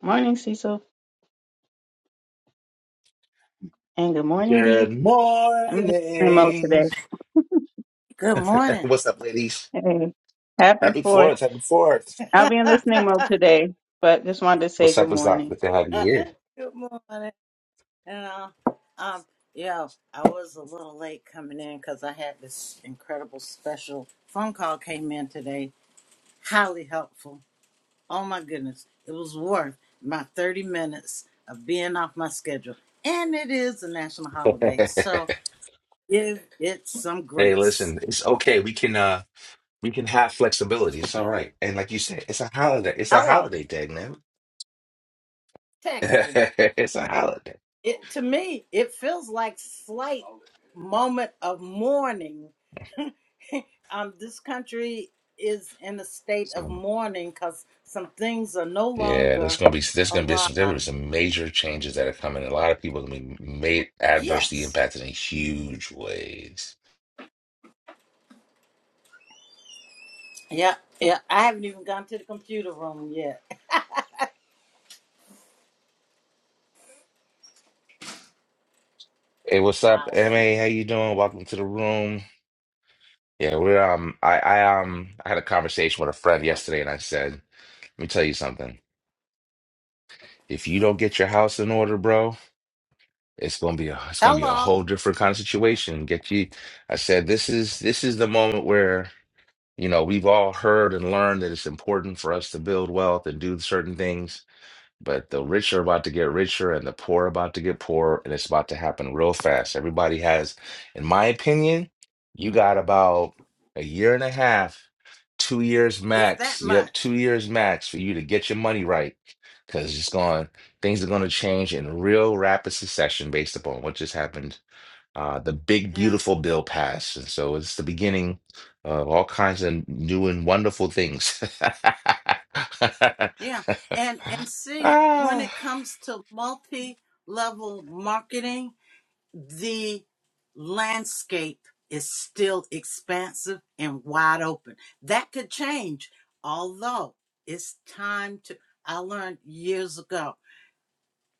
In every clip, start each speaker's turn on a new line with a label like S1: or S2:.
S1: Morning, Cecil, and good morning, Dee.
S2: Good
S1: I'm in listening mode today.
S2: morning.
S3: Good morning.
S2: What's up, ladies?
S1: Hey, happy
S2: Happy
S1: fourth.
S2: fourth. Happy fourth.
S1: I'll be in listening mode
S3: Good
S1: today, but just wanted to say
S2: What's
S1: good
S2: up? What's up?
S1: morning.
S2: Good to have you here.
S3: morning. And uh, um, yo, I was a little late coming in because I had this incredible special phone call came in today. Highly helpful. Oh my goodness, it was worth my thirty minutes of being off my schedule. And it is a national holiday, so give it some
S2: hey,
S3: grace.
S2: listen, it's okay. We can uh we can have flexibility. It's all right. And like you said, it's a holiday. It's a
S3: Hello.
S2: holiday day, man.
S3: Technically,
S2: it's a holiday.
S3: it to me it feels like slight moment of mourning um, this country is in a state of
S2: So,
S3: mourning because some things are no
S2: yeah, there's
S3: longer
S2: gonna be there's gonna be some there
S3: alive.
S2: are some major changes that are coming. A lot of people are gonna be made adversely
S3: Yes.
S2: impacted in huge ways.
S3: Yeah, yeah. I haven't even gone to the computer room yet.
S2: Hey, what's up,
S3: Wow.
S2: MA? How you doing? Welcome to the room. Yeah, we're um I I um I had a conversation with a friend yesterday and I said, let me tell you something. If you don't get your house in order, bro, it's gonna be a it's gonna be a
S3: Hello,
S2: whole different kind of situation. Get you I said this is this is the moment where, you know, we've all heard and learned that it's important for us to build wealth and do certain things. But the rich are about to get richer and the poor are about to get poorer, and it's about to happen real fast. Everybody has, in my opinion, you got about a year and a half, two years
S3: if that
S2: max. Yep,
S3: much.
S2: two years max for you to get your money right. Because it's going, things are going to change in real rapid succession based upon what just happened. Uh, the big,
S3: Yeah,
S2: beautiful bill passed. And so it's the beginning of all kinds of new and wonderful things.
S3: yeah. And and see, when it
S2: Ah.
S3: comes to multi-level marketing, the landscape is still expansive and wide open. That could change, although it's time to. I learned years ago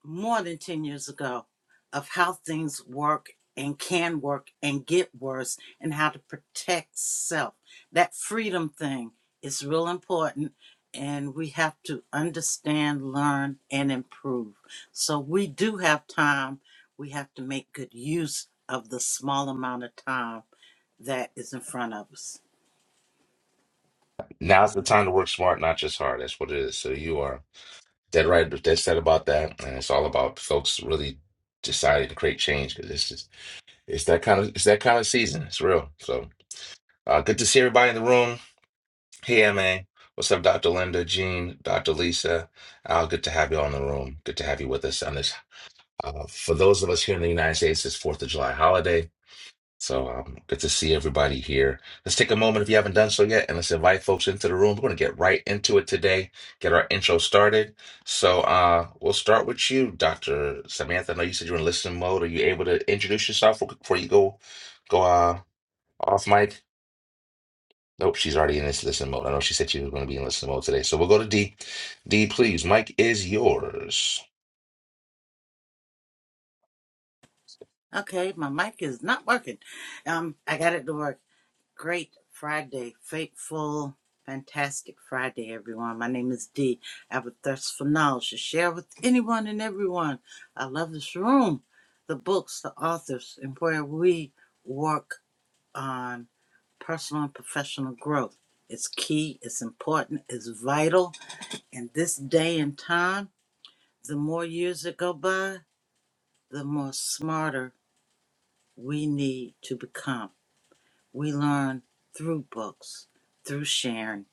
S3: more than 10 years ago of how things work and can work and get worse and how to protect self. That freedom thing is real important and we have to understand, learn, and improve. So we do have time. We have to make good use of the small amount of time that is in front of us.
S2: Now's the time to work smart, not just hard. That's what it is. So you are dead right. Dead said about that, and it's all about folks really deciding to create change because it's just it's that kind of it's that kind of season. It's real. So uh, good to see everybody in the room. Hey, ma, what's up, Dr. Linda, Jean, Dr. Lisa? Uh, good to have you all in the room. Good to have you with us on this. Uh, for those of us here in the United States, it's Fourth of July holiday. So um, good to see everybody here. Let's take a moment if you haven't done so yet, and let's invite folks into the room. We're going to get right into it today. Get our intro started. So uh, we'll start with you, Doctor Samantha. I know you said you're in listening mode. Are you able to introduce yourself real quick before you go go uh, off mic? Nope, she's already in this listen mode. I know she said she was going to be in listen mode today. So we'll go to D. D, please. Mike is yours.
S3: Okay, my mic is not working. Um, I got it to work. Great Friday, fateful, fantastic Friday, everyone. My name is Dee. I have a thirst for knowledge to share with anyone and everyone. I love this room, the books, the authors, and where we work on personal and professional growth. It's key, it's important, it's vital. In this day and time, the more years that go by, the more smarter we need to become. We learn through books, through sharing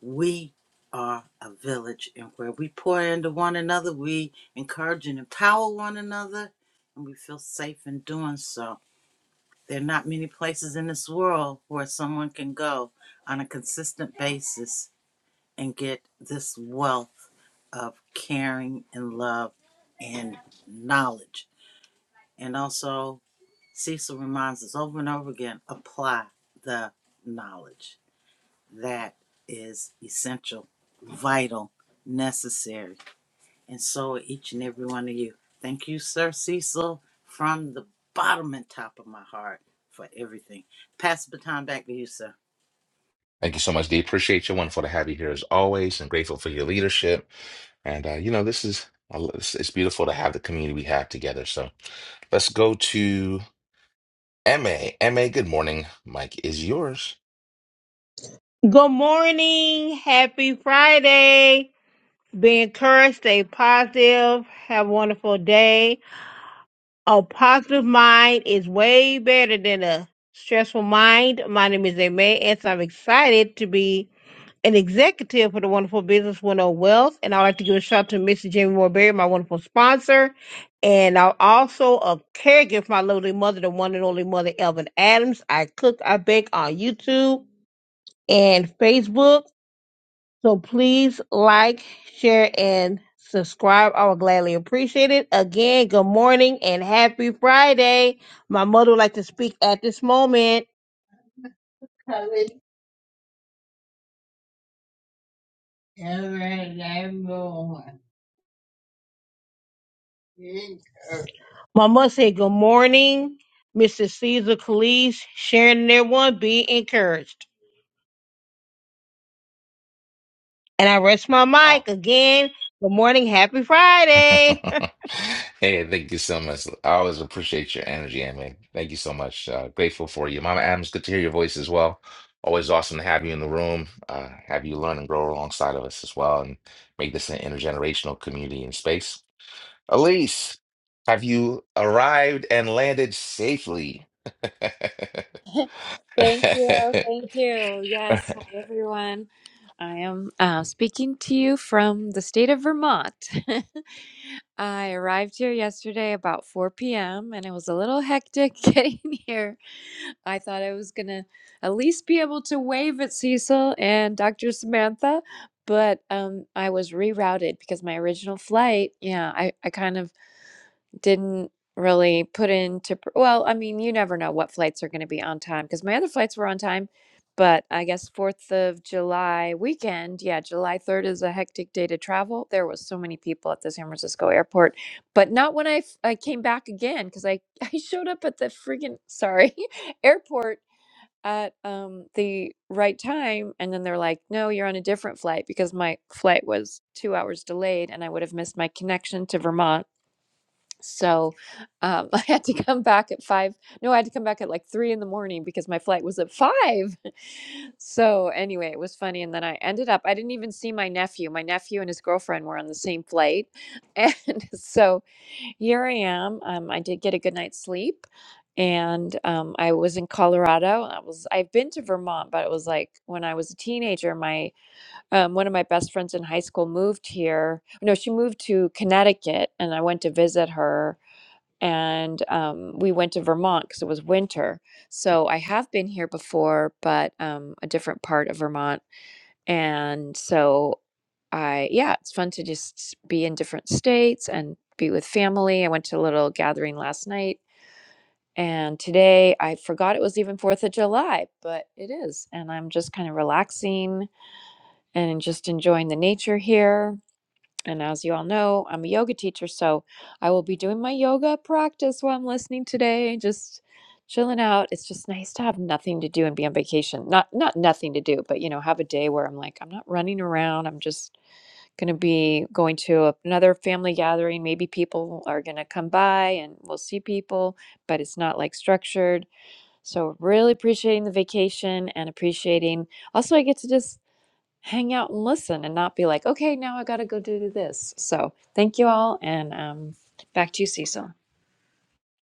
S3: We are a village, and where we pour into one another, we encourage and empower one another, and we feel safe in doing so. There are not many places in this world where someone can go on a consistent basis and get this wealth of caring and love and knowledge. And also, Cecil reminds us over and over again apply the knowledge that is essential, vital, necessary. And so each and every one of you. Thank you, Sir Cecil, from the bottom and top of my heart for everything. Pass the baton back to you, sir.
S2: Thank you so much, D. Appreciate you. Wonderful to have you here as always, and grateful for your leadership. And uh, you know, this is it's it's beautiful to have the community we have together. So let's go to MA. MA, good morning. Mike is yours.
S4: Good morning. Happy Friday. Be encouraged. Stay positive. Have a wonderful day. A positive mind is way better than a stressful mind. My name is Aime, and so I'm excited to be an executive for the wonderful business 101 Wealth. And I'd like to give a shout out to Mr. Jamie Morberry, my wonderful sponsor. And I'm also a caregiver for my lovely mother, the one and only mother, Elvin Adams. I cook, I bake on YouTube and Facebook so please like, share, and subscribe. I would gladly appreciate it. Again, good morning and happy Friday. My mother would like to speak at this moment. My mother said, Good morning, Mr. Caesar Calise, sharing their one, be encouraged. And I rest my
S2: Aw.
S4: mic again. Good morning, happy Friday.
S2: Hey, thank you so much. I always appreciate your energy, MA. Thank you so much. Uh, grateful for you. Mama Adams, good to hear your voice as well. Always awesome to have you in the room, uh, have you learn and grow alongside of us as well, and make this an intergenerational community and space. Elise, have you arrived and landed safely?
S5: Thank you. Thank you.
S2: All right.
S5: Yes. Hi, everyone. I am uh, speaking to you from the state of Vermont. I arrived here yesterday about 4 p.m. and it was a little hectic getting here. I thought I was going to at least be able to wave at Cecil and Dr. Samantha, but um, I was rerouted because my original flight, yeah, I, I kind of didn't really put into pr- well i mean you never know what flights are going to be on time because my other flights were on time but i guess fourth of july weekend yeah july 3rd is a hectic day to travel there was so many people at the san francisco airport but not when i f- i came back again because i i showed up at the friggin sorry airport at um the right time and then they're like no you're on a different flight because my flight was two hours delayed and i would have missed my connection to vermont so um, I had to come back at five. No, I had to come back at like three in the morning because my flight was at five. So anyway, it was funny. And then I ended up, I didn't even see my nephew. My nephew and his girlfriend were on the same flight. And so here I am. Um, I did get a good night's sleep. And um, I was in Colorado. I was I've been to Vermont, but it was like when I was a teenager. My um, one of my best friends in high school moved here. No, she moved to Connecticut, and I went to visit her and um, we went to Vermont because it was winter. So I have been here before, but um, a different part of Vermont. And so I, yeah, it's fun to just be in different states and be with family. I went to a little gathering last night. And today I forgot it was even 4th of July, but it is. And I'm just kind of relaxing and just enjoying the nature here and as you all know, I'm a yoga teacher, so I will be doing my yoga practice while I'm listening today, just chilling out. It's just nice to have nothing to do and be on vacation. Not not nothing to do, but you know, have a day where I'm like, I'm not running around. I'm just going to be going to a- another family gathering. Maybe people are going to come by and we'll see people, but it's not like structured. So really appreciating the vacation and appreciating also I get to just hang out and listen and not be like, okay, now I got to go do this. So thank you all. And um, back to you, Cecil.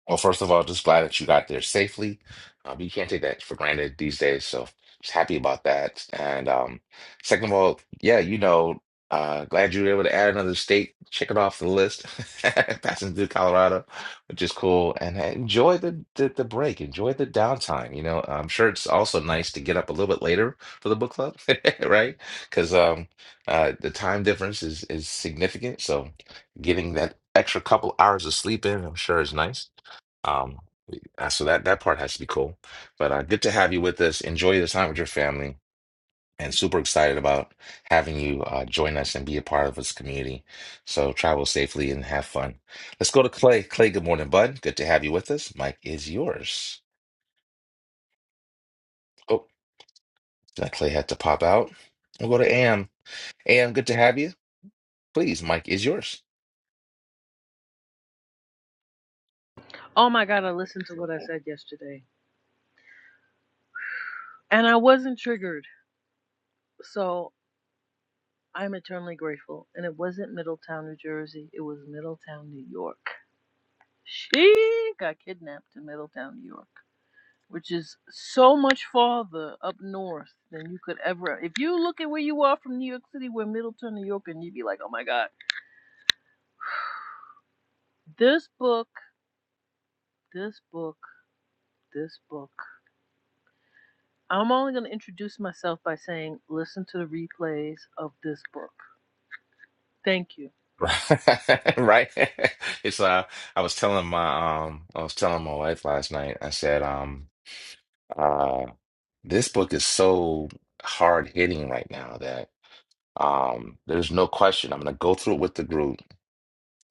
S2: Well, first of all, just glad that you got there safely. Uh, but you can't take that for granted these days, so just happy about that. And um, second of all, yeah, you know, uh, glad you were able to add another state, check it off the list, passing through Colorado, which is cool. And uh, enjoy the, the the break, enjoy the downtime. You know, I'm sure it's also nice to get up a little bit later for the book club, right? Because um, uh, the time difference is is significant, so getting that extra couple hours of sleep in, I'm sure is nice. Um, uh, so that that part has to be cool. But uh, good to have you with us. Enjoy the time with your family, and super excited about having you uh, join us and be a part of this community. So travel safely and have fun. Let's go to Clay. Clay, good morning, bud. Good to have you with us. Mike is yours. Oh, that Clay had to pop out. We'll go to Am. Am, good to have you. Please, Mike is yours.
S6: Oh my God, I listened to
S7: So,
S6: what I said yesterday. And I wasn't triggered. So I'm eternally grateful. And it wasn't Middletown, New Jersey. It was Middletown, New York. She got kidnapped in Middletown, New York, which is so much farther up north than you could ever. If you look at where you are from New York City, we're Middletown, New York, and you'd be like, oh my God, this book, this book, this book. I'm only going to introduce myself by saying, listen to the replays of this book. Thank you.
S2: Right. right. It's uh I was telling my um I was telling my wife last night, I said, um uh, This book is so hard hitting right now that um, there's no question. I'm going to go through it with the group,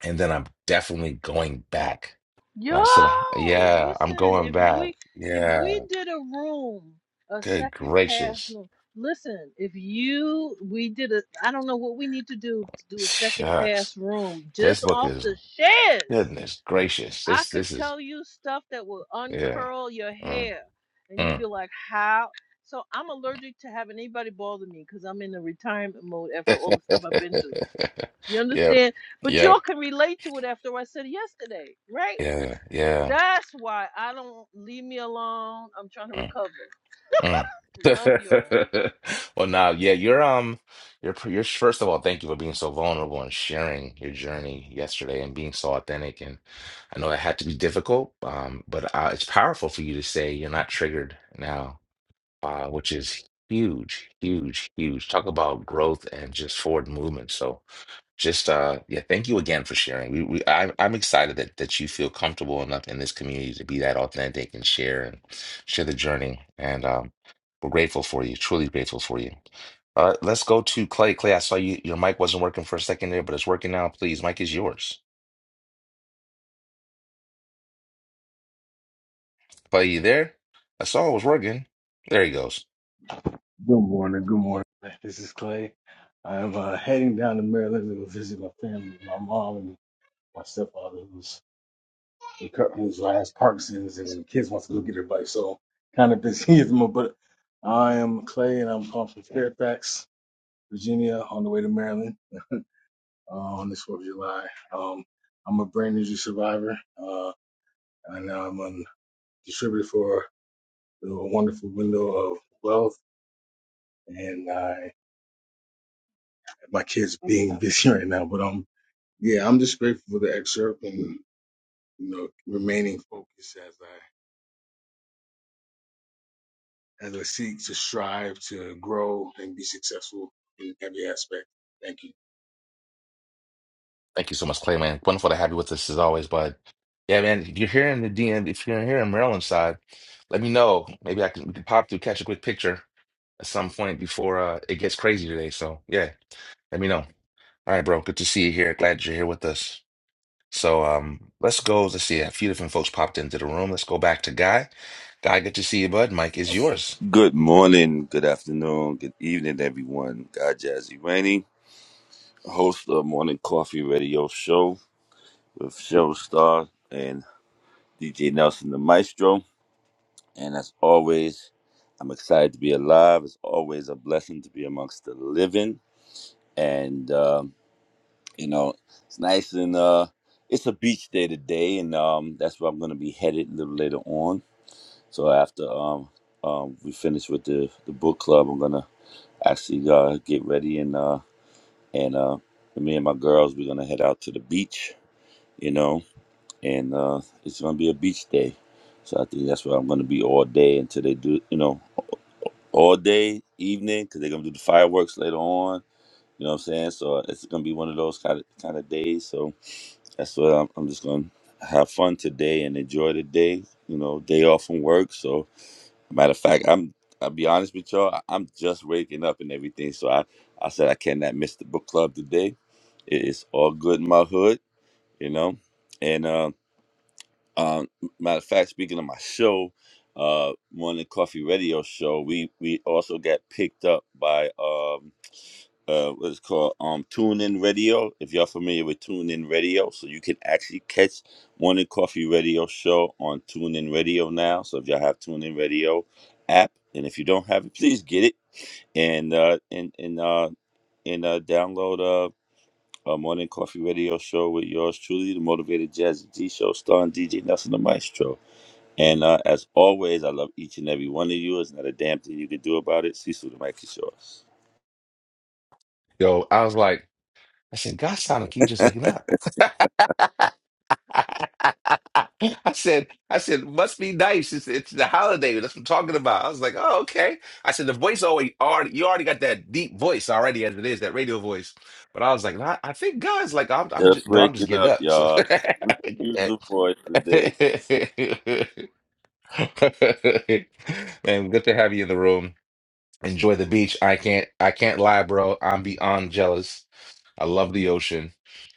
S2: and then I'm definitely going back.
S6: Yo,
S2: And I said, "Uh, "Yeah, I'm
S6: listen,
S2: going
S6: if
S2: back.
S6: we if we
S2: Yeah,
S6: did a room, a
S2: good
S6: second pass
S2: gracious,
S6: room. Listen, if you we did a I don't know what we need to do to do a second pass
S2: shucks,
S6: room
S2: this
S6: just
S2: book
S6: off
S2: is
S6: the shares.
S2: goodness gracious.
S6: I
S2: This
S6: could
S2: this is
S6: tell you stuff that will
S2: yeah,
S6: uncurl your
S2: mm,
S6: hair and you'd
S2: mm.
S6: be like, "How?" So I'm allergic to having anybody bother me cuz I'm in a retirement mode after all the stuff I've been through. You
S2: Yep,
S6: understand? But y'all
S2: yep,
S6: can relate to it after what I said yesterday, right?
S2: yeah, yeah."
S6: That's why I don't leave me alone. I'm trying to
S2: mm.
S6: recover.
S2: Mm.
S6: Love y'all.
S2: Well, now, yeah, you're um, you're pr- you're first of all, thank you for being so vulnerable and sharing your journey yesterday and being so authentic. And I know that had to be difficult, um, but uh, it's powerful for you to say you're not triggered now, uh, which is huge, huge, huge. Talk about growth and just forward movement. So just uh yeah thank you again for sharing we, we I, i'm excited that that you feel comfortable enough in this community to be that authentic and share and share the journey and um we're grateful for you truly grateful for you uh let's go to clay clay i saw you your mic wasn't working for a second there but it's working now please mic is yours clay you there i saw it was working there he goes
S7: Good morning. Good morning. This is Clay. I am uh, heading down to Maryland to go visit my family, my mom and my stepfather, who's reco- who's has Parkinson's, and the kids wants to go get their bike. So kind of busy at the moment. But I am Clay, and I'm calling from Fairfax, Virginia, on the way to Maryland uh, on this Fourth of July. Um, I'm a brain injury survivor, uh, and I'm a distributor for the wonderful window of wealth, and I my kids being busy right now. But um, yeah, I'm just grateful for the excerpt and you know remaining focused as I as I seek to strive to grow and be successful in every aspect. Thank you.
S2: Thank you so much, Clay, man. Wonderful to have you with us as always, bud. Yeah, man. If you're here in the DM, if you're here in Maryland side, let me know. Maybe I can, we can pop through, catch a quick picture at some point before uh, it gets crazy today. So yeah, let me know. All right, bro. Good to see you here. Glad you're here with us. So um, let's go. Let's see. A few different folks popped into the room. Let's go back to Guy. Guy, good to see you, bud. Mike is yours.
S8: Good morning, good afternoon, good evening, everyone. Guy Jazzy Rainey, host of Morning Coffee Radio Show with Show Star and DJ Nelson the Maestro. And as always, I'm excited to be alive. It's always a blessing to be amongst the living. And, um, you know, it's nice and uh, it's a beach day today. And um, that's where I'm going to be headed a little later on. So after um, um, we finish with the, the book club, I'm going to actually uh, get ready and uh, and uh, me and my girls we're gonna head out to the beach, you know, and uh, it's gonna be a beach day. So I think that's where I'm gonna be all day until they do, you know, all day evening because they're gonna do the fireworks later on. You know what I'm saying? So it's gonna be one of those kind of kind of days. So that's what I'm, I'm just gonna have fun today and enjoy the day. You know, day off from work. So Matter of fact, I'm I'll be honest with y'all, I- I'm just waking up and everything. So I, I said I cannot miss the book club today. It is all good in my hood, you know. And uh, um matter of fact, speaking of my show, uh morning coffee radio show, we we also got picked up by um uh what's called um tune in radio if y'all familiar with tune in radio so you can actually catch morning coffee radio show on tune in radio now so if y'all have tune in radio app and if you don't have it please get it and uh and and uh and uh download uh a morning coffee radio show with yours truly the motivated jazz d show starring dj nelson the maestro and uh, as always, I love each and every one of you. It's not a damn thing you can do about it. Cecil, the mic is yours.
S2: Yo, I was like, I said, God sounded like you just waking up. I said, I said, must be nice. It's, it's the holiday. That's what I'm talking about. I was like, oh, okay. I said, the voice always already, you already got that deep voice already as it is, that radio voice. But I was like, nah, I think God's like, I'm, I'm just,
S8: Just
S2: bro, I'm just
S8: waking
S2: getting
S8: up,
S2: up. So,
S8: y'all. Use the voice today.
S2: man, good to have you in the room. Enjoy the beach. I can't, I can't lie, bro. I'm beyond jealous. I love the ocean,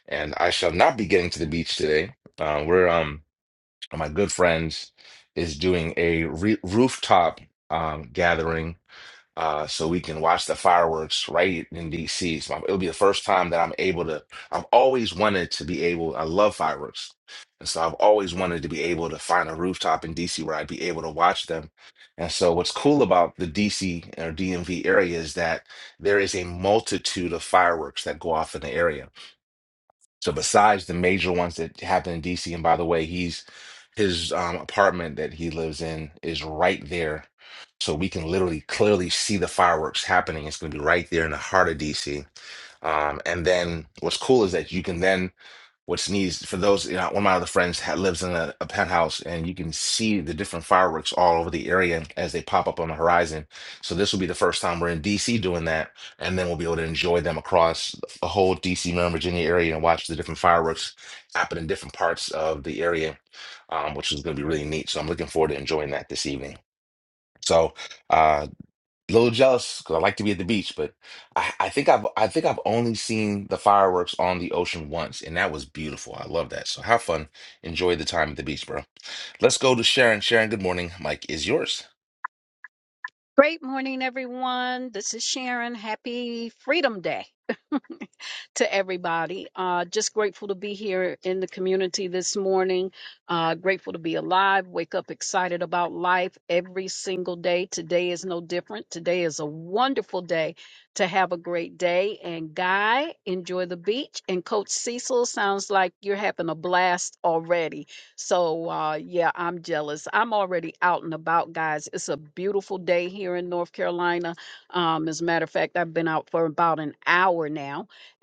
S2: and I shall not be getting to the beach today. Uh, we're um of my good friends is doing a re rooftop um, gathering uh, so we can watch the fireworks right in DC. So it'll be the first time that I'm able to. I've always wanted to be able. I love fireworks, and so I've always wanted to be able to find a rooftop in DC where I'd be able to watch them. And so what's cool about the DC or DMV area is that there is a multitude of fireworks that go off in the area. So besides the major ones that happen in DC, and by the way, he's his um, apartment that he lives in is right there, so we can literally clearly see the fireworks happening. It's going to be right there in the heart of DC. Um, and then what's cool is that you can then what's needs for those you know, one of my other friends ha- lives in a, a penthouse and you can see the different fireworks all over the area as they pop up on the horizon so this will be the first time we're in dc doing that and then we'll be able to enjoy them across the whole dc maryland virginia area and watch the different fireworks happen in different parts of the area um, which is going to be really neat so i'm looking forward to enjoying that this evening so uh, a little jealous because I like to be at the beach, but I, I think I've I think I've only seen the fireworks on the ocean once, and that was beautiful. I love that. So have fun, enjoy the time at the beach, bro. Let's go to Sharon. Sharon, good morning. Mike is yours.
S9: Great morning, everyone. This is Sharon. Happy Freedom Day. to everybody. Uh, just grateful to be here in the community this morning. Uh, grateful to be alive. Wake up excited about life every single day. Today is no different. Today is a wonderful day to have a great day. And Guy, enjoy the beach. And Coach Cecil, sounds like you're having a blast already. So uh, yeah, I'm jealous. I'm already out and about, guys. It's a beautiful day here in North Carolina. Um, as a matter of fact, I've been out for about an hour now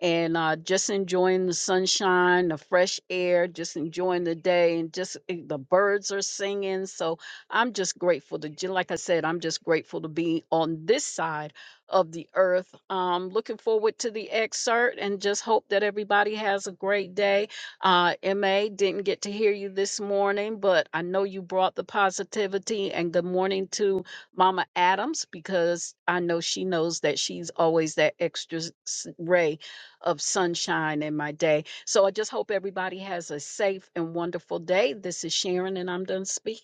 S9: and uh, just enjoying the sunshine, the fresh air, just enjoying the day, and just eh, the birds are singing. So I'm just grateful to, ju- like I said, I'm just grateful to be on this side of the earth. Um, looking forward to the excerpt and just hope that everybody has a great day. Uh, MA, didn't get to hear you this morning, but I know you brought the positivity and good morning to Mama Adams because I know she knows that she's always that extra s- s- ray of sunshine in my day. So I just hope everybody has a safe and wonderful day. This is Sharon, and I'm done speaking.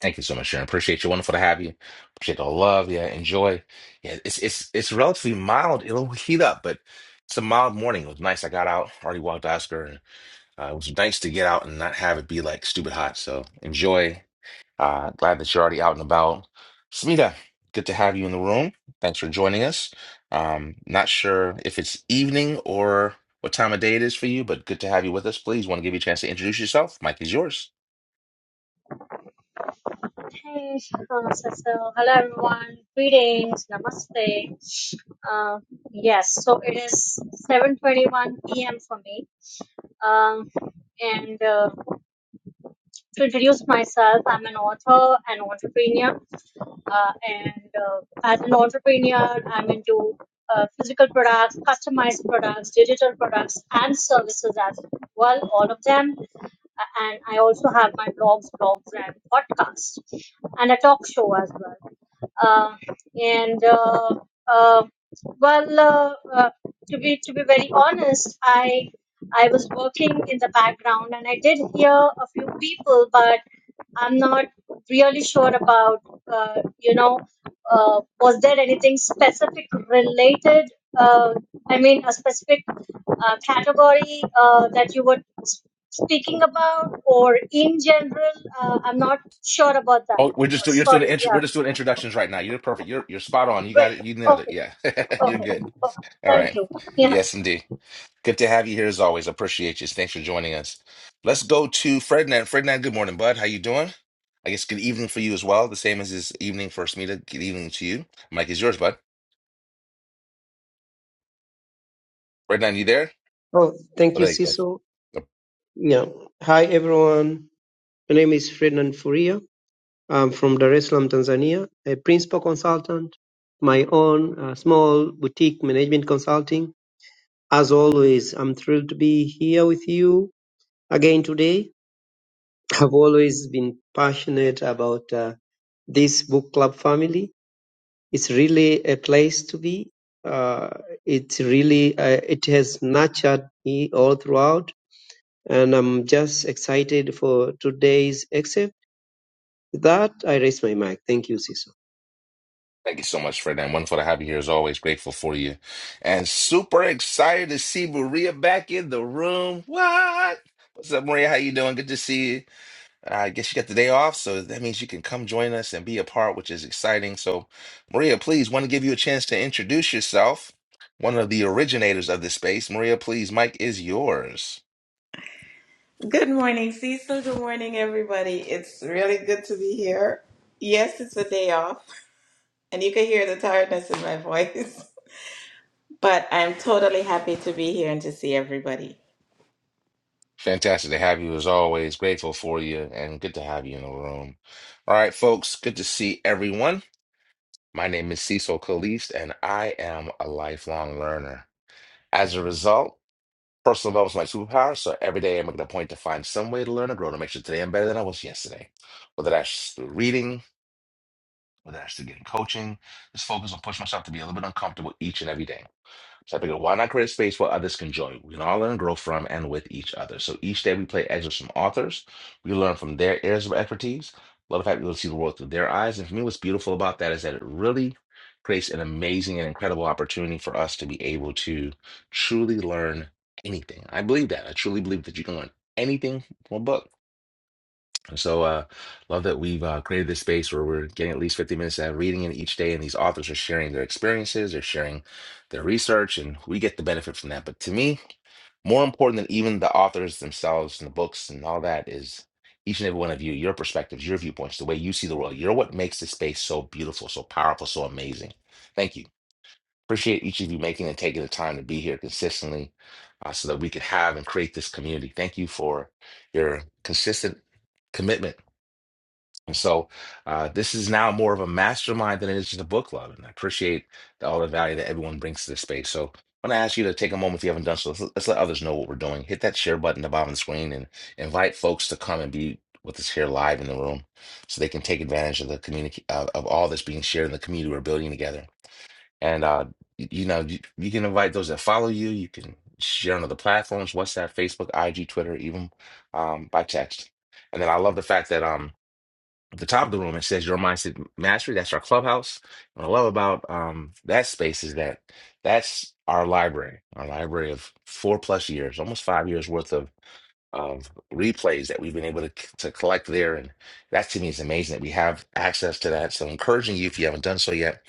S2: Thank you so much, Sharon. Appreciate you. Wonderful to have you. Appreciate all the love. Yeah, enjoy. Yeah, it's it's it's relatively mild. It'll heat up, but it's a mild morning. It was nice. I got out, already walked Oscar, and uh, it was nice to get out and not have it be like stupid hot. So enjoy. Uh, glad that you're already out and about. Smita, good to have you in the room. Thanks for joining us. Um, not sure if it's evening or what time of day it is for you, but good to have you with us. Please want to give you a chance to introduce yourself. Mike is yours.
S10: Hey, uh, so, so hello everyone. Greetings, namaste. Uh, yes, so it is 7:21 p.m. for me. Um, and uh, to introduce myself, I'm an author and entrepreneur. Uh, and uh, as an entrepreneur, I'm into uh, physical products, customized products, digital products, and services as well. All of them. Uh, And I also have my blogs, blogs, and podcasts, and a talk show as well. Um, and uh, uh, well, uh, uh, to be to be very honest, I I was working in the background and I did hear a few people, but I'm not really sure about uh, you know uh, was there anything specific related. Uh, I mean, a specific uh, category uh, that you were s- speaking about, or in general, uh, I'm not sure about that.
S2: Oh, we're just
S10: Uh,
S2: doing, you're just doing
S10: sorry,
S2: intro, we're
S10: yeah,
S2: just doing introductions right now. You're perfect. You're you're spot on. You
S10: great,
S2: got it. You nailed
S10: okay.
S2: it. Yeah, you're
S10: Okay.
S2: good.
S10: Oh,
S2: All
S10: thank
S2: right.
S10: you. Yeah.
S2: Yes, indeed. Good to have you here as always. Appreciate you. Thanks for joining us. Let's go to Frednan. Frednan, good morning, bud. How you doing? I guess good evening for you as well. The same as this evening for Smita. Good evening to you. Mike is yours, bud. Frednan, you there?
S11: Oh, thank
S2: Well,
S11: you,
S2: there you go.
S11: Cecil.
S2: Oh,
S11: Yeah. Hi, everyone. My name is Ferdinand Furia. I'm from Dar es Salaam, Tanzania, a principal consultant, my own uh, small boutique management consulting. As always, I'm thrilled to be here with you again today. I've always been passionate about uh, this book club family. It's really a place to be. Uh, it's really, uh, it has nurtured me all throughout and I'm just excited for today's except that I raise my mic. Thank you, Siso.
S2: Thank you so much, Frednan. Wonderful to have you here as always. Grateful for you. And super excited to see Maria back in the room. What? What's up, Maria? How you doing? Good to see you. I guess you got the day off, so that means you can come join us and be a part, which is exciting. So, Maria, please want to give you a chance to introduce yourself, one of the originators of this space. Maria, please, Mike is yours.
S12: Good morning, Cecil. Good morning, everybody. It's really good to be here. Yes, it's a day off, and you can hear the tiredness in my voice, but I'm totally happy to be here and to see everybody.
S2: Fantastic to have you as always. Grateful for you and good to have you in the room. All right, folks, good to see everyone. My name is Cecil Caliste, and I am a lifelong learner. As a result, Personal development is my superpower, so every day I make it a point to find some way to learn and grow to make sure today I'm better than I was yesterday. Whether that's through reading, whether that's through getting coaching, just focus on pushing myself to be a little bit uncomfortable each and every day. So I figured, why not create a space where others can join? We can all learn, and grow from, and with each other. So each day we play excerpts from authors. We learn from their areas of expertise. Love the fact we will see the world through their eyes. And for me, what's beautiful about that is that it really creates an amazing and incredible opportunity for us to be able to truly learn anything. I believe that. I truly believe that you can learn anything from a book. And So, uh, love that we've uh, created this space where we're getting at least 50 minutes of reading in each day, and these authors are sharing their experiences, they're sharing their research, and we get the benefit from that. But to me, more important than even the authors themselves and the books and all that is each and every one of you, your perspectives, your viewpoints, the way you see the world. You're what makes this space so beautiful, so powerful, so amazing. Thank you. Appreciate each of you making and taking the time to be here consistently uh, so that we can have and create this community. Thank you for your consistent commitment and so uh, this is now more of a mastermind than it is just a book club. And I appreciate the, all the value that everyone brings to this space. So i want to ask you to take a moment if you haven't done so. Let's, let's let others know what we're doing. Hit that share button at the bottom of the screen and invite folks to come and be with us here live in the room so they can take advantage of the community, uh, of all that's being shared in the community we're building together. And, uh, y- you know, you, you can invite those that follow you. You can share on other platforms, WhatsApp, Facebook, IG, Twitter, even um, by text. And then I love the fact that, um, at the top of the room, it says your mindset mastery. That's our clubhouse. What I love about um, that space is that that's our library, our library of four plus years, almost five years worth of of replays that we've been able to, to collect there. And that to me is amazing that we have access to that. So encouraging you, if you haven't done so yet,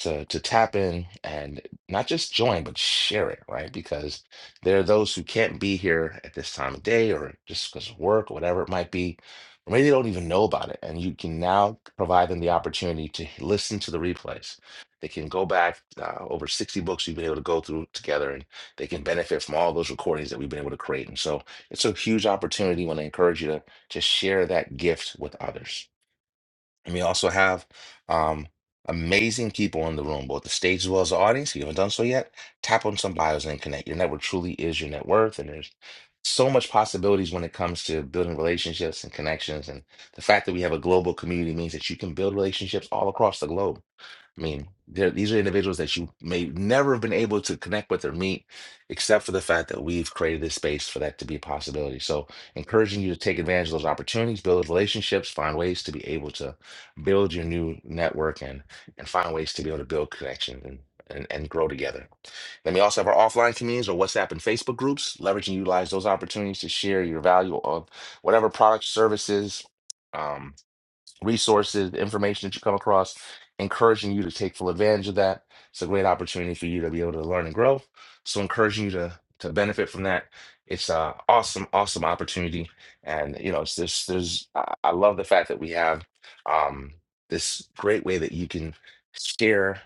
S2: to, to tap in and not just join, but share it, right? Because there are those who can't be here at this time of day or just because of work or whatever it might be. Or maybe they don't even know about it. And you can now provide them the opportunity to listen to the replays. They can go back uh, over 60 books we've been able to go through together and they can benefit from all those recordings that we've been able to create. And so it's a huge opportunity when I encourage you to, to share that gift with others. And we also have um, amazing people in the room, both the stage as well as the audience. If you haven't done so yet, tap on some bios and connect. Your network truly is your net worth. And there's so much possibilities when it comes to building relationships and connections. And the fact that we have a global community means that you can build relationships all across the globe I mean, they're- these are individuals that you may never have been able to connect with or meet, except for the fact that we've created this space for that to be a possibility. So, encouraging you to take advantage of those opportunities, build relationships, find ways to be able to build your new network, and and find ways to be able to build connections and. And, and grow together. Then we also have our offline communities or WhatsApp and Facebook groups. Leverage and utilize those opportunities to share your value of whatever products, services, um, resources, the information that you come across, encouraging you to take full advantage of that. It's a great opportunity for you to be able to learn and grow. So encouraging you to to benefit from that. It's a awesome, awesome opportunity. And you know, it's this there's I I love the fact that we have um this great way that you can share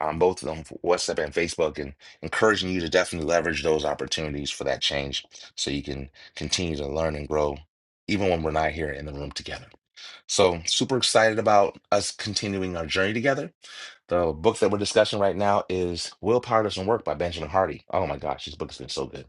S2: on both of them WhatsApp and Facebook and encouraging you to definitely leverage those opportunities for that change so you can continue to learn and grow even when we're not here in the room together. So, super excited about us continuing our journey together. The book that we're discussing right now is Willpower Doesn't Work by Benjamin Hardy. Oh my gosh, this book has been so good.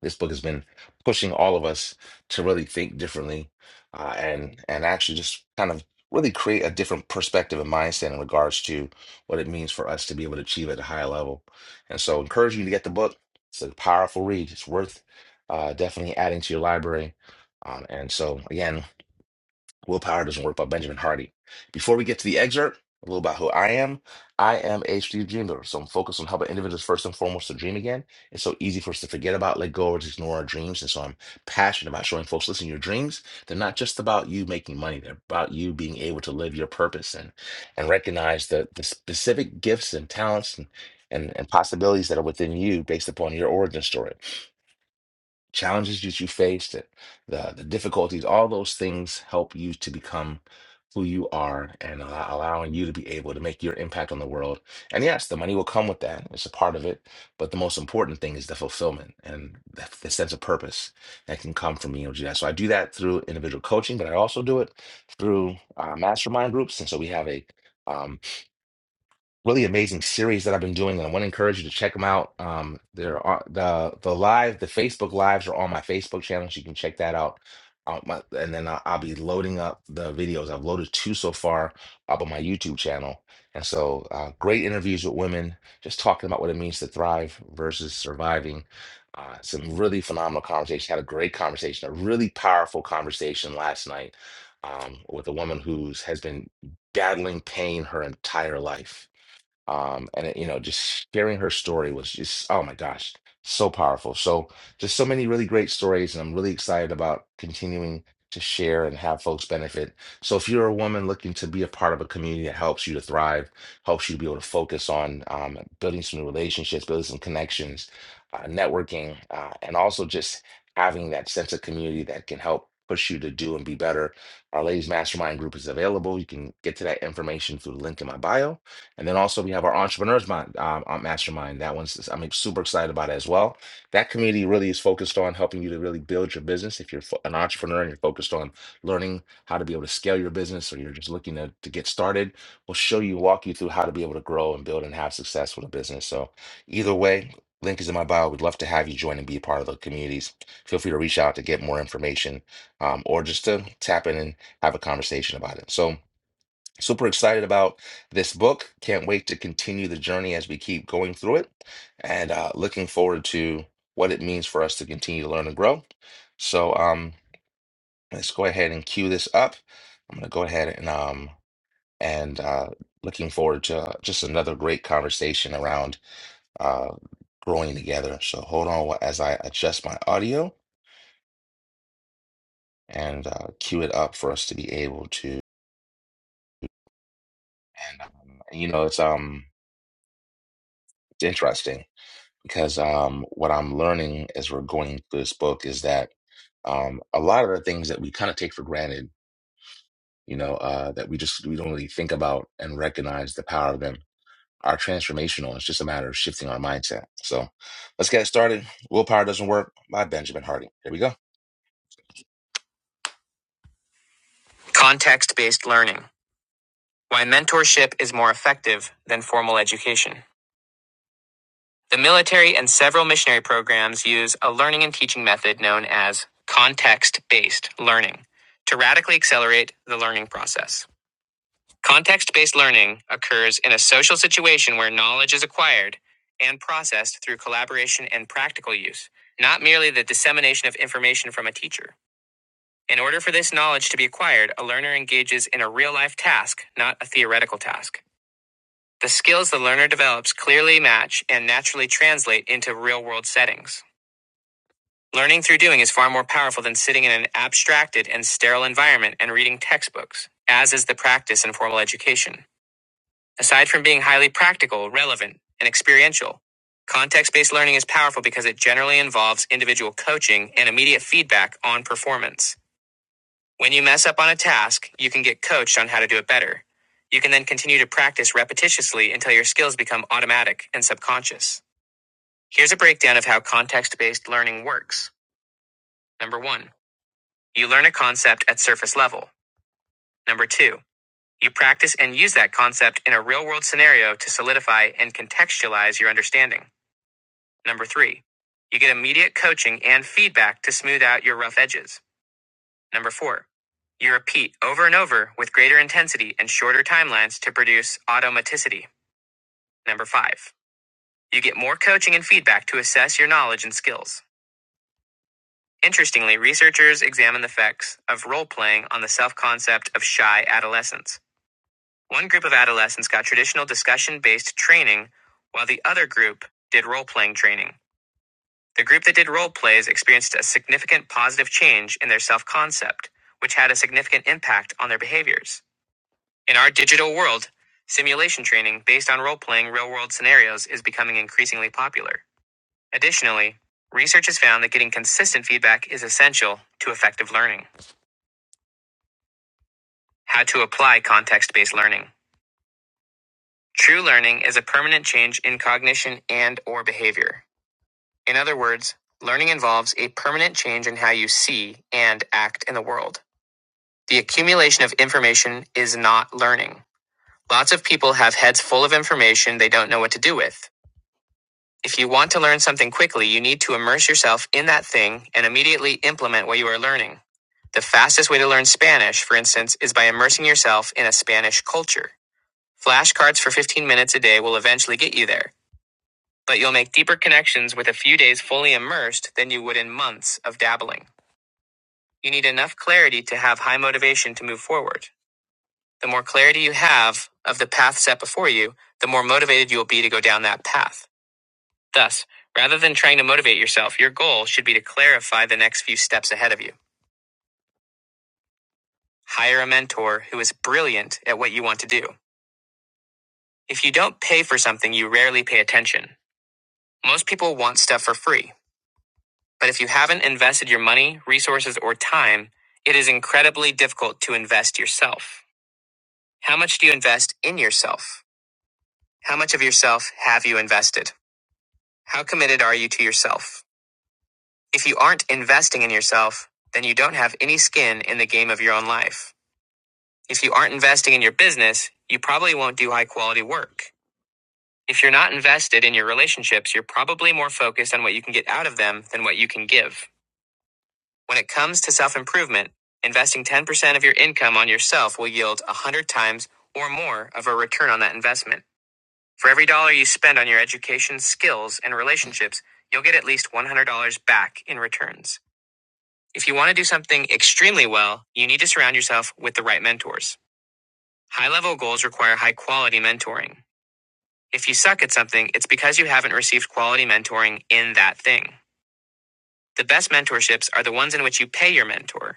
S2: This book has been pushing all of us to really think differently uh, and and actually just kind of really create a different perspective and mindset in regards to what it means for us to be able to achieve at a higher level. And so, encourage you to get the book. It's a powerful read. It's worth uh, definitely adding to your library. Um, and so, again, Willpower Doesn't Work by Benjamin Hardy. Before we get to the excerpt, a little about who I am. I am a strategic dreamer, so I'm focused on helping individuals first and foremost to dream again. It's so easy for us to forget about, let go, or just ignore our dreams. And so I'm passionate about showing folks, listen, your dreams, they're not just about you making money. They're about you being able to live your purpose and and recognize the, the specific gifts and talents and, and, and possibilities that are within you based upon your origin story challenges that you faced, the, the the difficulties, all those things help you to become who you are and allow, allowing you to be able to make your impact on the world. And yes, the money will come with that. It's a part of it. But the most important thing is the fulfillment and the, the sense of purpose that can come from being able to do that. So I do that through individual coaching, but I also do it through uh, mastermind groups. And so we have a um, really amazing series that I've been doing, and I want to encourage you to check them out. Um, there are the the live, the Facebook lives are on my Facebook channel, so you can check that out. Uh, my, and then I'll, I'll be loading up the videos. I've loaded two so far up on my YouTube channel, and so uh, great interviews with women, just talking about what it means to thrive versus surviving. Uh, some really phenomenal conversation. Had a great conversation, a really powerful conversation last night um, with a woman who's has been battling pain her entire life um, and it, you know, just sharing her story was just, oh my gosh, so powerful. So just so many really great stories, and I'm really excited about continuing to share and have folks benefit. So if you're a woman looking to be a part of a community that helps you to thrive, helps you to be able to focus on um, building some new relationships, building some connections, uh, networking, uh, and also just having that sense of community that can help push you to do and be better. Our ladies mastermind group is available. You can get to that information through the link in my bio and then also we have our entrepreneurs mind, um, uh, mastermind. That one's I'm super excited about it as well. That community really is focused on helping you to really build your business. If you're fo- an entrepreneur and you're focused on learning how to be able to scale your business, or you're just looking to, to get started, we'll show you, walk you through how to be able to grow and build and have success with a business. So either way, link is in my bio. We'd love to have you join and be a part of the communities. Feel free to reach out to get more information, um, or just to tap in and have a conversation about it. So. Super excited about this book. Can't wait to continue the journey as we keep going through it and uh, looking forward to what it means for us to continue to learn and grow. So um, let's go ahead and cue this up. I'm going to go ahead and um, and uh, looking forward to uh, just another great conversation around uh, growing together. So hold on wh- as I adjust my audio and uh, cue it up for us to be able to. And um, you know, it's um, it's interesting because um, what I'm learning as we're going through this book is that um, a lot of the things that we kind of take for granted, you know, uh, that we just we don't really think about and recognize the power of them are transformational. It's just a matter of shifting our mindset. So let's get started. Willpower doesn't work by Benjamin Hardy. Here we go. Context based learning: Why mentorship is more effective than formal education. The military and several missionary programs use a learning and teaching method known as context based learning to radically accelerate the learning process. Context based learning occurs in a social situation where knowledge is acquired and processed through collaboration and practical use, not merely the dissemination of information from a teacher. In order for this knowledge to be acquired, a learner engages in a real life task, not a theoretical task. The skills the learner develops clearly match and naturally translate into real world settings. Learning through doing is far more powerful than sitting in an abstracted and sterile environment and reading textbooks, as is the practice in formal education. Aside from being highly practical, relevant, and experiential, context based learning is powerful because it generally involves individual coaching and immediate feedback on performance. When you mess up on a task, you can get coached on how to do it better. You can then continue to practice repetitiously until your skills become automatic and subconscious. Here's a breakdown of how context based learning works. Number one. You learn a concept at surface level. Number two, you practice and use that concept in a real world scenario to solidify and contextualize your understanding. Number three, you get immediate coaching and feedback to smooth out your rough edges. Number four, you repeat over and over with greater intensity and shorter timelines to produce automaticity. Number five, you get more coaching and feedback to assess your knowledge and skills. Interestingly, researchers examine the effects of role playing on the self concept of shy adolescents. One group of adolescents got traditional discussion based training, while the other group did role playing training. The group that did role plays experienced a significant positive change in their self concept, which had a significant impact on their behaviors. In our digital world, simulation training based on role playing real world scenarios is becoming increasingly popular. Additionally, research has found that getting consistent feedback is essential to effective learning. How to apply context based learning. True learning is a permanent change in cognition and or behavior. In other words, learning involves a permanent change in how you see and act in the world. The accumulation of information is not learning. Lots of people have heads full of information they don't know what to do with. If you want to learn something quickly, you need to immerse yourself in that thing and immediately implement what you are learning. The fastest way to learn Spanish, for instance, is by immersing yourself in a Spanish culture. Flashcards for 15 minutes a day will eventually get you there. but you'll make deeper connections with a few days fully immersed than you would in months of dabbling. You need enough clarity to have high motivation to move forward. The more clarity you have of the path set before you, the more motivated you will be to go down that path. Thus, rather than trying to motivate yourself, your goal should be to clarify the next few steps ahead of you. Hire a mentor who is brilliant at what you want to do. If you don't pay for something, you rarely pay attention. Most people want stuff for free. But if you haven't invested your money, resources, or time, it is incredibly difficult to invest yourself. How much do you invest in yourself? How much of yourself have you invested? How committed are you to yourself? If you aren't investing in yourself, then you don't have any skin in the game of your own life. If you aren't investing in your business, you probably won't do high quality work. If you're not invested in your relationships, you're probably more focused on what you can get out of them than what you can give. When it comes to self improvement, investing 10% of your income on yourself will yield 100 times or more of a return on that investment. For every dollar you spend on your education, skills, and relationships, you'll get at least $100 back in returns. If you want to do something extremely well, you need to surround yourself with the right mentors. High level goals require high quality mentoring. If you suck at something, it's because you haven't received quality mentoring in that thing. The best mentorships are the ones in which you pay your mentor.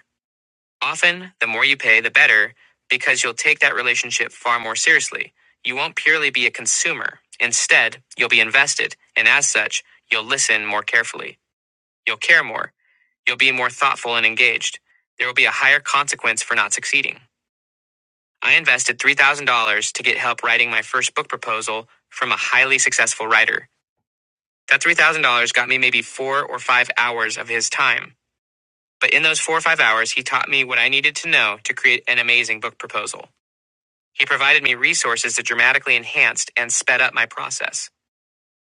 S2: Often, the more you pay, the better, because you'll take that relationship far more seriously. You won't purely be a consumer. Instead, you'll be invested, and as such, you'll listen more carefully. You'll care more. You'll be more thoughtful and engaged. There will be a higher consequence for not succeeding. I invested $3,000 to get help writing my first book proposal from a highly successful writer. That $3,000 got me maybe four or five hours of his time. But in those four or five hours, he taught me what I needed to know to create an amazing book proposal. He provided me resources that dramatically enhanced and sped up my process.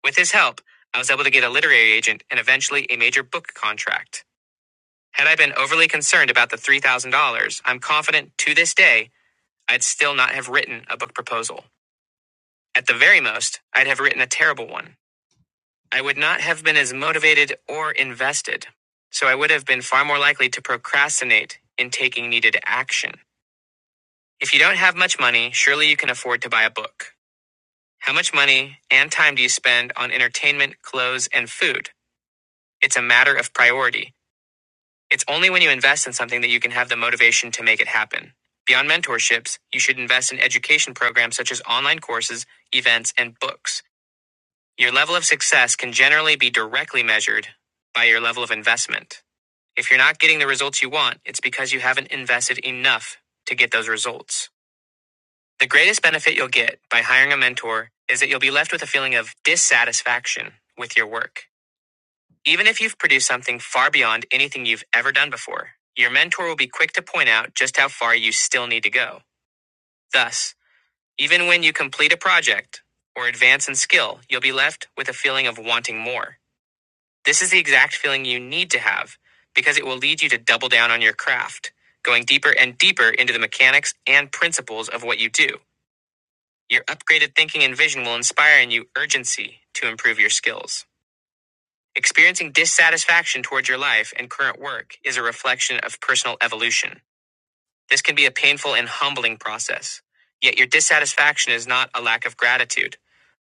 S2: With his help, I was able to get a literary agent and eventually a major book contract. Had I been overly concerned about the $3,000, I'm confident to this day I'd still not have written a book proposal. At the very most, I'd have written a terrible one. I would not have been as motivated or invested, so I would have been far more likely to procrastinate in taking needed action. If you don't have much money, surely you can afford to buy a book. How much money and time do you spend on entertainment, clothes, and food? It's a matter of priority. It's only when you invest in something that you can have the motivation to make it happen. Beyond mentorships, you should invest in education programs such as online courses, events, and books. Your level of success can generally be directly measured by your level of investment. If you're not getting the results you want, it's because you haven't invested enough to get those results. The greatest benefit you'll get by hiring a mentor is that you'll be left with a feeling of dissatisfaction with your work. Even if you've produced something far beyond anything you've ever done before, your mentor will be quick to point out just how far you still need to go. Thus, even when you complete a project or advance in skill, you'll be left with a feeling of wanting more. This is the exact feeling you need to have because it will lead you to double down on your craft, going deeper and deeper into the mechanics and principles of what you do. Your upgraded thinking and vision will inspire in you urgency to improve your skills. Experiencing dissatisfaction towards your life and current work is a reflection of personal evolution. This can be a painful and humbling process. Yet your dissatisfaction is not a lack of gratitude,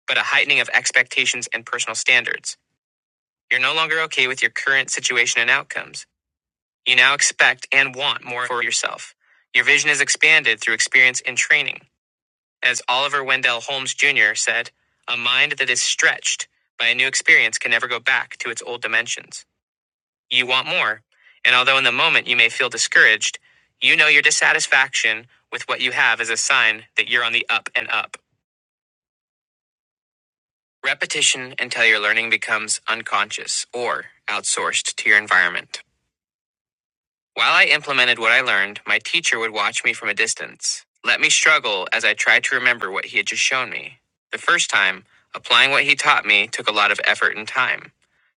S2: but a heightening of expectations and personal standards. You're no longer okay with your current situation and outcomes. You now expect and want more for yourself. Your vision is expanded through experience and training. As Oliver Wendell Holmes Jr. said, a mind that is stretched by a new experience can never go back to its old dimensions. You want more, and although in the moment you may feel discouraged, you know your dissatisfaction with what you have is a sign that you're on the up and up. Repetition until your learning becomes unconscious or outsourced to your environment. While I implemented what I learned, my teacher would watch me from a distance, let me struggle as I tried to remember what he had just shown me. The first time, applying what he taught me took a lot of effort and time.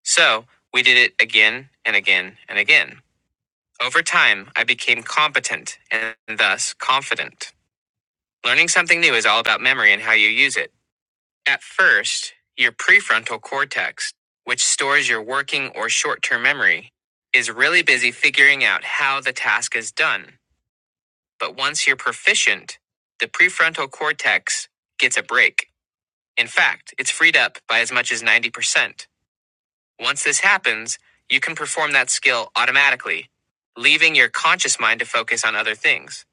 S2: So, we did it again and again and again. Over time, I became competent and thus confident. Learning something new is all about memory and how you use it. At first, your prefrontal cortex, which stores your working or short term memory, is really busy figuring out how the task is done. But once you're proficient, the prefrontal cortex gets a break. In fact, it's freed up by as much as 90%. Once this happens, you can perform that skill automatically, leaving your conscious mind to focus on other things.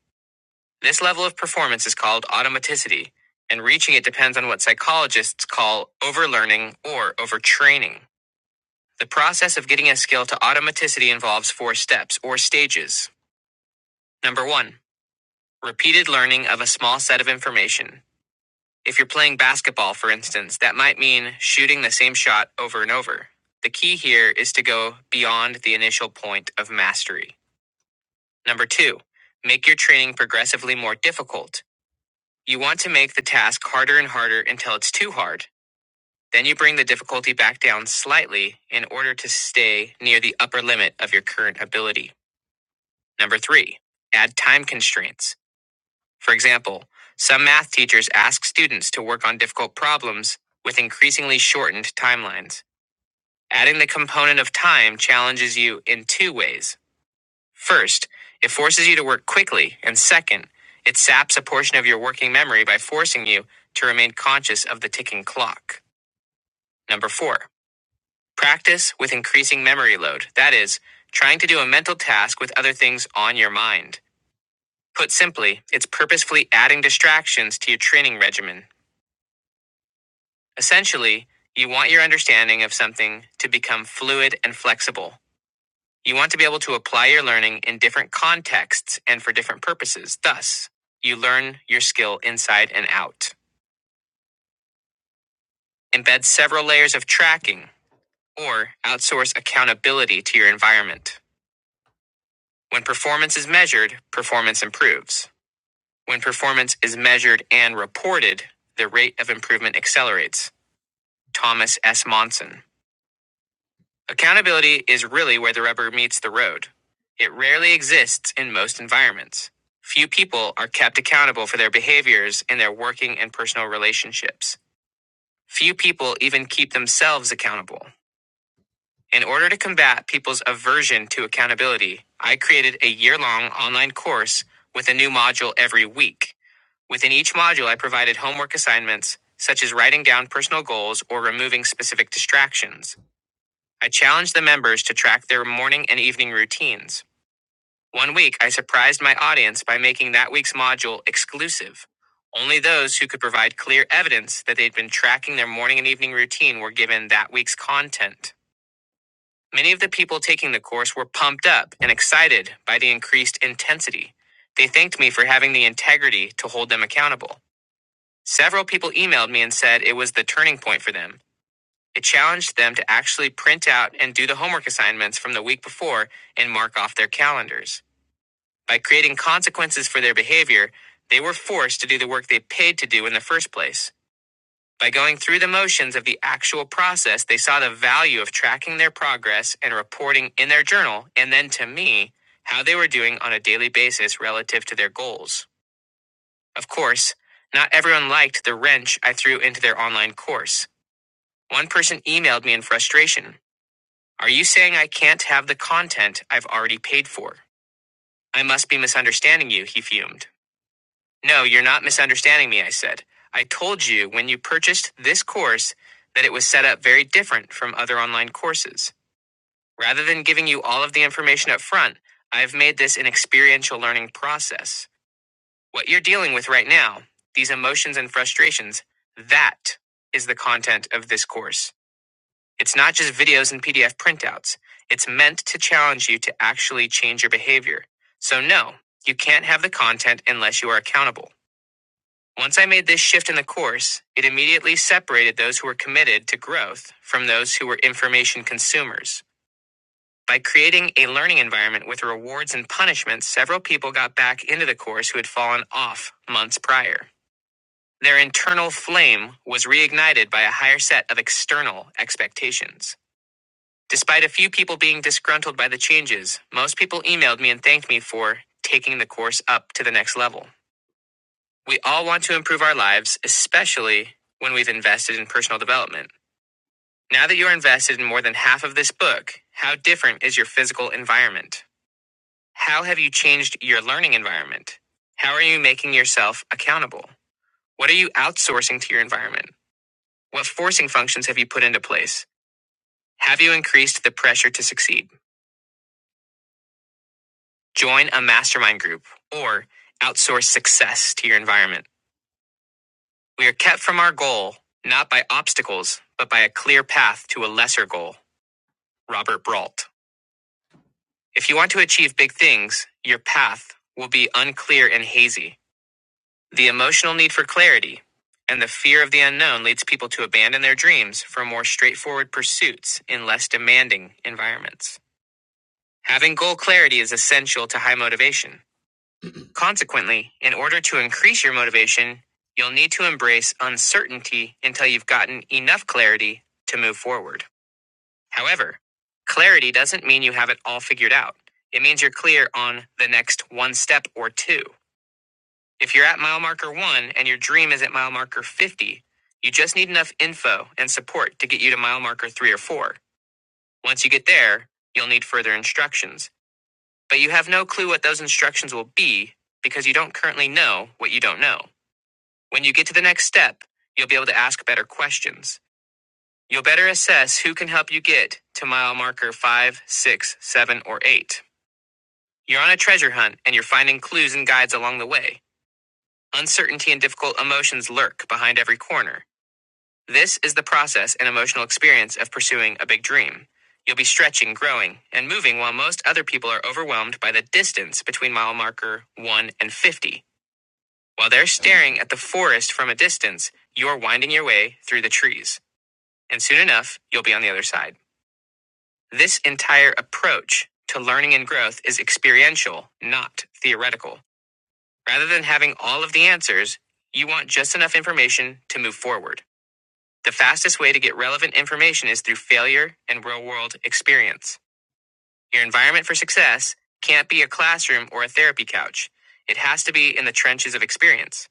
S2: This level of performance is called automaticity, and reaching it depends on what psychologists call overlearning or overtraining. The process of getting a skill to automaticity involves four steps or stages. Number one, repeated learning of a small set of information. If you're playing basketball, for instance, that might mean shooting the same shot over and over. The key here is to go beyond the initial point of mastery. Number two, make your training progressively more difficult. You want to make the task harder and harder until it's too hard. Then you bring the difficulty back down slightly in order to stay near the upper limit of your current ability. Number three, add time constraints. For example, some math teachers ask students to work on difficult problems with increasingly shortened timelines. Adding the component of time challenges you in two ways. First, it forces you to work quickly, and second, it saps a portion of your working memory by forcing you to remain conscious of the ticking clock. Number four, practice with increasing memory load. That is, trying to do a mental task with other things on your mind. Put simply, it's purposefully adding distractions to your training regimen. Essentially, you want your understanding of something to become fluid and flexible. You want to be able to apply your learning in different contexts and for different purposes. Thus, you learn your skill inside and out. Embed several layers of tracking or outsource accountability to your environment. When performance is measured, performance improves. When performance is measured and reported, the rate of improvement accelerates. Thomas S. Monson. Accountability is really where the rubber meets the road. It rarely exists in most environments. Few people are kept accountable for their behaviors in their working and personal relationships. Few people even keep themselves accountable. In order to combat people's aversion to accountability, I created a year long online course with a new module every week. Within each module, I provided homework assignments, such as writing down personal goals or removing specific distractions. I challenged the members to track their morning and evening routines. One week, I surprised my audience by making that week's module exclusive. Only those who could provide clear evidence that they'd been tracking their morning and evening routine were given that week's content. Many of the people taking the course were pumped up and excited by the increased intensity. They thanked me for having the integrity to hold them accountable. Several people emailed me and said it was the turning point for them it challenged them to actually print out and do the homework assignments from the week before and mark off their calendars. By creating consequences for their behavior, they were forced to do the work they paid to do in the first place. By going through the motions of the actual process, they saw the value of tracking their progress and reporting in their journal, and then to me, how they were doing on a daily basis relative to their goals. Of course, not everyone liked the wrench I threw into their online course. One person emailed me in frustration. Are you saying I can't have the content I've already paid for? I must be misunderstanding you, he fumed. No, you're not misunderstanding me, I said. I told you when you purchased this course that it was set up very different from other online courses. Rather than giving you all of the information up front, I've made this an experiential learning process. What you're dealing with right now, these emotions and frustrations, that is the content of this course. It's not just videos and PDF printouts. It's meant to challenge you to actually change your behavior. So, no, you can't have the content unless you are accountable. Once I made this shift in the course, it immediately separated those who were committed to growth from those who were information consumers. By creating a learning environment with rewards and punishments, several people got back into the course who had fallen off months prior. Their internal flame was reignited by a higher set of external expectations. Despite a few people being disgruntled by the changes, most people emailed me and thanked me for taking the course up to the next level. We all want to improve our lives, especially when we've invested in personal development. Now that you're invested in more than half of this book, how different is your physical environment? How have you changed your learning environment? How are you making yourself accountable? What are you outsourcing to your environment? What forcing functions have you put into place? Have you increased the pressure to succeed? Join a mastermind group or outsource success to your environment. We are kept from our goal not by obstacles, but by a clear path to a lesser goal. Robert Brault. If you want to achieve big things, your path will be unclear and hazy. The emotional need for clarity and the fear of the unknown leads people to abandon their dreams for more straightforward pursuits in less demanding environments. Having goal clarity is essential to high motivation. Consequently, in order to increase your motivation, you'll need to embrace uncertainty until you've gotten enough clarity to move forward. However, clarity doesn't mean you have it all figured out. It means you're clear on the next one step or two. If you're at mile marker one and your dream is at mile marker 50, you just need enough info and support to get you to mile marker three or four. Once you get there, you'll need further instructions. But you have no clue what those instructions will be because you don't currently know what you don't know. When you get to the next step, you'll be able to ask better questions. You'll better assess who can help you get to mile marker 5, 6, 7, or 8. You're on a treasure hunt and you're finding clues and guides along the way. Uncertainty and difficult emotions lurk behind every corner. This is the process and emotional experience of pursuing a big dream. You'll be stretching, growing, and moving while most other people are overwhelmed by the distance between mile marker 1 and 50. While they're staring at the forest from a distance, you're winding your way through the trees. and soon enough, you'll be on the other side. This entire approach to learning and growth is experiential, not theoretical. Rather than having all of the answers, you want just enough information to move forward. The fastest way to get relevant information is through failure and real world experience. Your environment for success can't be a classroom or a therapy couch. It has to be in the trenches of experience.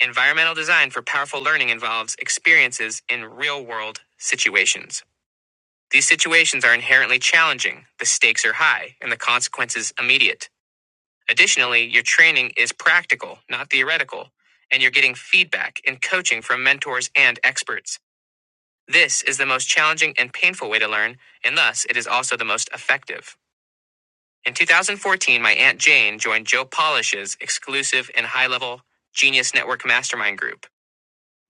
S2: Environmental design for powerful learning involves experiences in real world situations. These situations are inherently challenging, the stakes are high, and the consequences immediate. Additionally, your training is practical, not theoretical, and you're getting feedback and coaching from mentors and experts. This is the most challenging and painful way to learn, and thus it is also the most effective. In 2014, my Aunt Jane joined Joe Polish's exclusive and high level Genius Network Mastermind Group.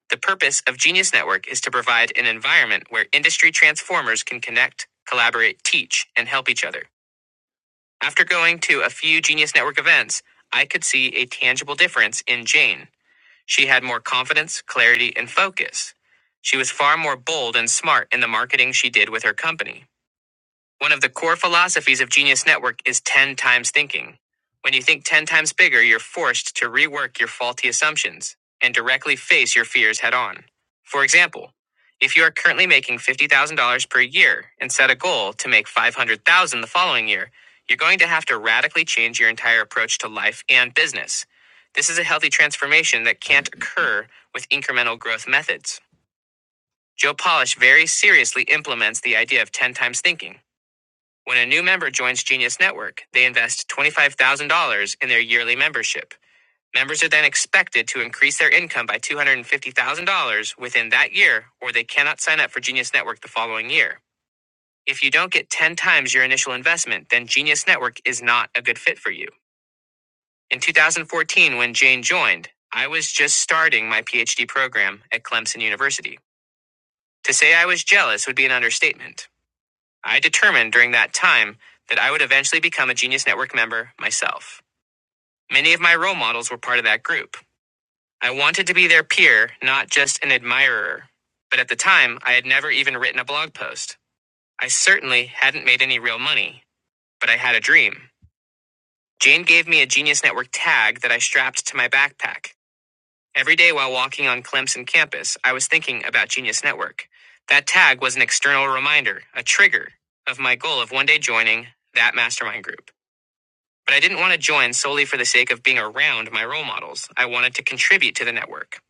S2: The purpose of Genius Network is to provide an environment where industry transformers can connect, collaborate, teach, and help each other. After going to a few Genius Network events, I could see a tangible difference in Jane. She had more confidence, clarity, and focus. She was far more bold and smart in the marketing she did with her company. One of the core philosophies of Genius Network is 10 times thinking. When you think 10 times bigger, you're forced to rework your faulty assumptions and directly face your fears head on. For example, if you are currently making $50,000 per year and set a goal to make 500,000 the following year, you're going to have to radically change your entire approach to life and business. This is a healthy transformation that can't occur with incremental growth methods. Joe Polish very seriously implements the idea of 10 times thinking. When a new member joins Genius Network, they invest $25,000 in their yearly membership. Members are then expected to increase their income by $250,000 within that year, or they cannot sign up for Genius Network the following year. If you don't get 10 times your initial investment, then Genius Network is not a good fit for you. In 2014, when Jane joined, I was just starting my PhD program at Clemson University. To say I was jealous would be an understatement. I determined during that time that I would eventually become a Genius Network member myself. Many of my role models were part of that group. I wanted to be their peer, not just an admirer. But at the time, I had never even written a blog post. I certainly hadn't made any real money, but I had a dream. Jane gave me a Genius Network tag that I strapped to my backpack. Every day while walking on Clemson campus, I was thinking about Genius Network. That tag was an external reminder, a trigger, of my goal of one day joining that mastermind group. But I didn't want to join solely for the sake of being around my role models. I wanted to contribute to the network.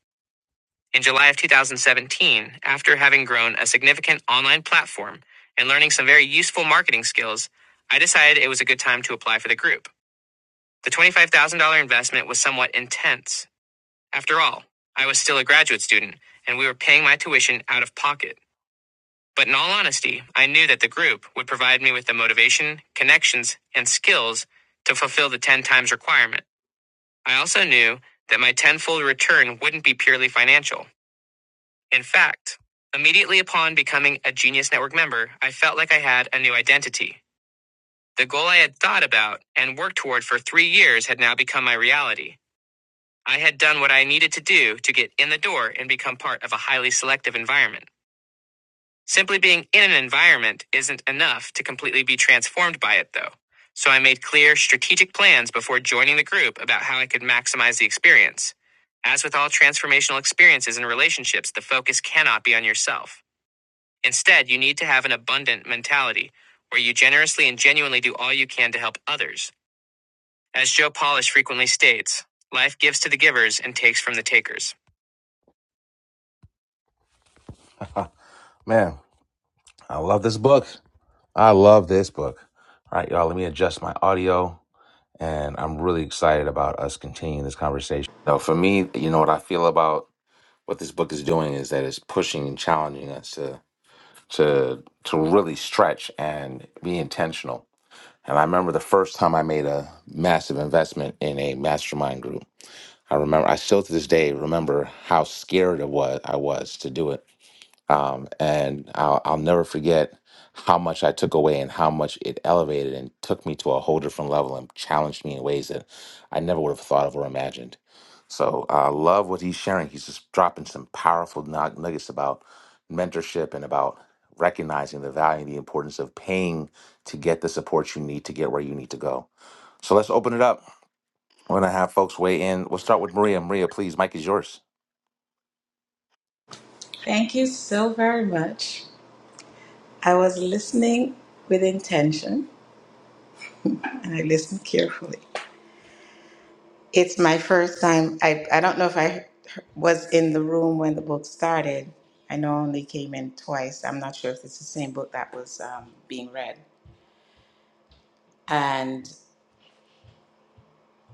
S2: In July of 2017, after having grown a significant online platform and learning some very useful marketing skills, I decided it was a good time to apply for the group. The $25,000 investment was somewhat intense. After all, I was still a graduate student and we were paying my tuition out of pocket. But in all honesty, I knew that the group would provide me with the motivation, connections, and skills to fulfill the 10 times requirement. I also knew that my tenfold return wouldn't be purely financial. In fact, immediately upon becoming a Genius Network member, I felt like I had a new identity. The goal I had thought about and worked toward for three years had now become my reality. I had done what I needed to do to get in the door and become part of a highly selective environment. Simply being in an environment isn't enough to completely be transformed by it, though. So I made clear, strategic plans before joining the group about how I could maximize the experience. As with all transformational experiences and relationships, the focus cannot be on yourself. Instead, you need to have an abundant mentality where you generously and genuinely do all you can to help others. As Joe Polish frequently states, life gives to the givers and takes from the takers. Man, I love this book. I love this book. All right, y'all, let me adjust my audio. and I'm really excited about us continuing this conversation. So for me, you know what I feel about what this book is doing is that it's pushing and challenging us to to to really stretch and be intentional. And I remember the first time I made a massive investment in a mastermind group. I remember I still to this day remember how scared it was I was to do it um, and I'll, I'll never forget how much I took away and how much it elevated and took me to a whole different level and challenged me in ways that I never would have thought of or imagined. So I love what he's sharing. He's just dropping some powerful nug- nuggets about mentorship and about recognizing the value and the importance of paying to get the support you need to get where you need to go. So let's open it up. We're going to have folks weigh in. We'll start with Maria. Maria, please, Mike is yours.
S12: Thank you so very much. I was listening with intention, and I listened carefully. It's my first time. I, I don't know if I was in the room when the book started. I know I only came in twice. I'm not sure if it's the same book that was um, being read. And.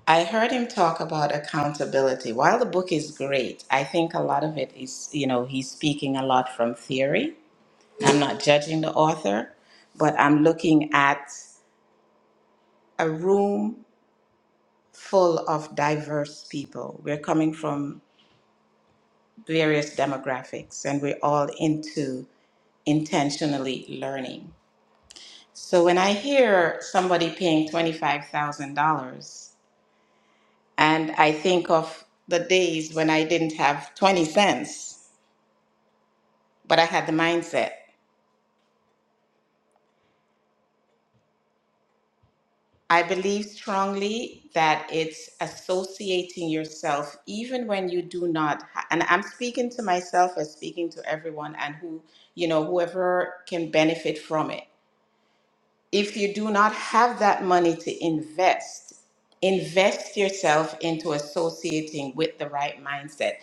S12: I heard him talk about accountability. While the book is great, I think a lot of it is, you know, he's speaking a lot from theory. I'm not judging the author, but I'm looking at a room full of diverse people. We're coming from various demographics and we're all into intentionally learning. So when I hear somebody paying $25,000 and I think of the days when I didn't have 20 cents, but I had the mindset. I believe strongly that it's associating yourself, even when you do not. Ha- and I'm speaking to myself as speaking to everyone, and who, you know, whoever can benefit from it. If you do not have that money to invest, invest yourself into associating with the right mindset.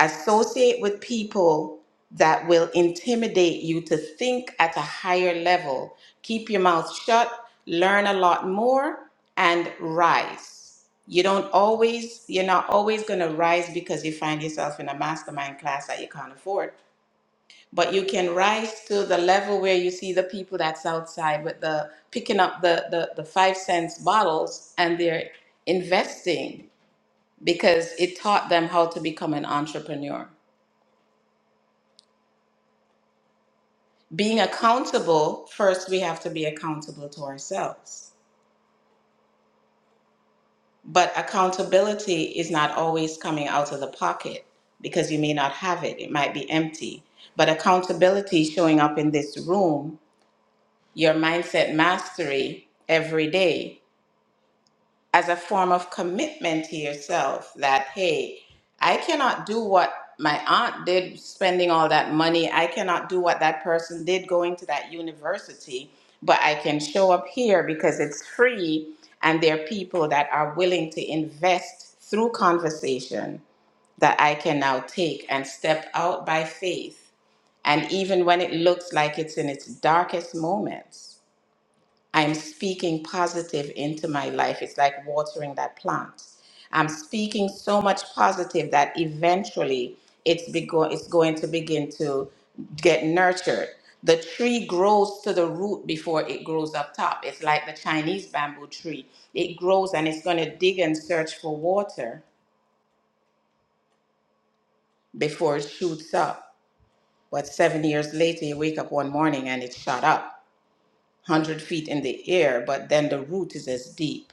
S12: associate with people that will intimidate you to think at a higher level. Keep your mouth shut, learn a lot more, and rise. You don't always, you're not always going to rise because you find yourself in a mastermind class that you can't afford. But you can rise to the level where you see the people that's outside with the picking up the, the, the five cents bottles and they're investing because it taught them how to become an entrepreneur. being accountable, first we have to be accountable to ourselves. But accountability is not always coming out of the pocket because you may not have it, it might be empty. But accountability showing up in this room, your mindset mastery every day. as a form of commitment to yourself that hey i cannot do what my aunt did spending all that money i cannot do what that person did going to that university but i can show up here because it's free and there are people that are willing to invest through conversation that i can now take and step out by faith and even when it looks like it's in its darkest moments I'm speaking positive into my life. It's like watering that plant. I'm speaking so much positive that eventually it's bego- it's going to begin to get nurtured. The tree grows to the root before it grows up top. It's like the Chinese bamboo tree. It grows and it's going to dig and search for water before it shoots up. But seven years later, you wake up one morning and it shot up 100 feet in the air, but then the root is as deep.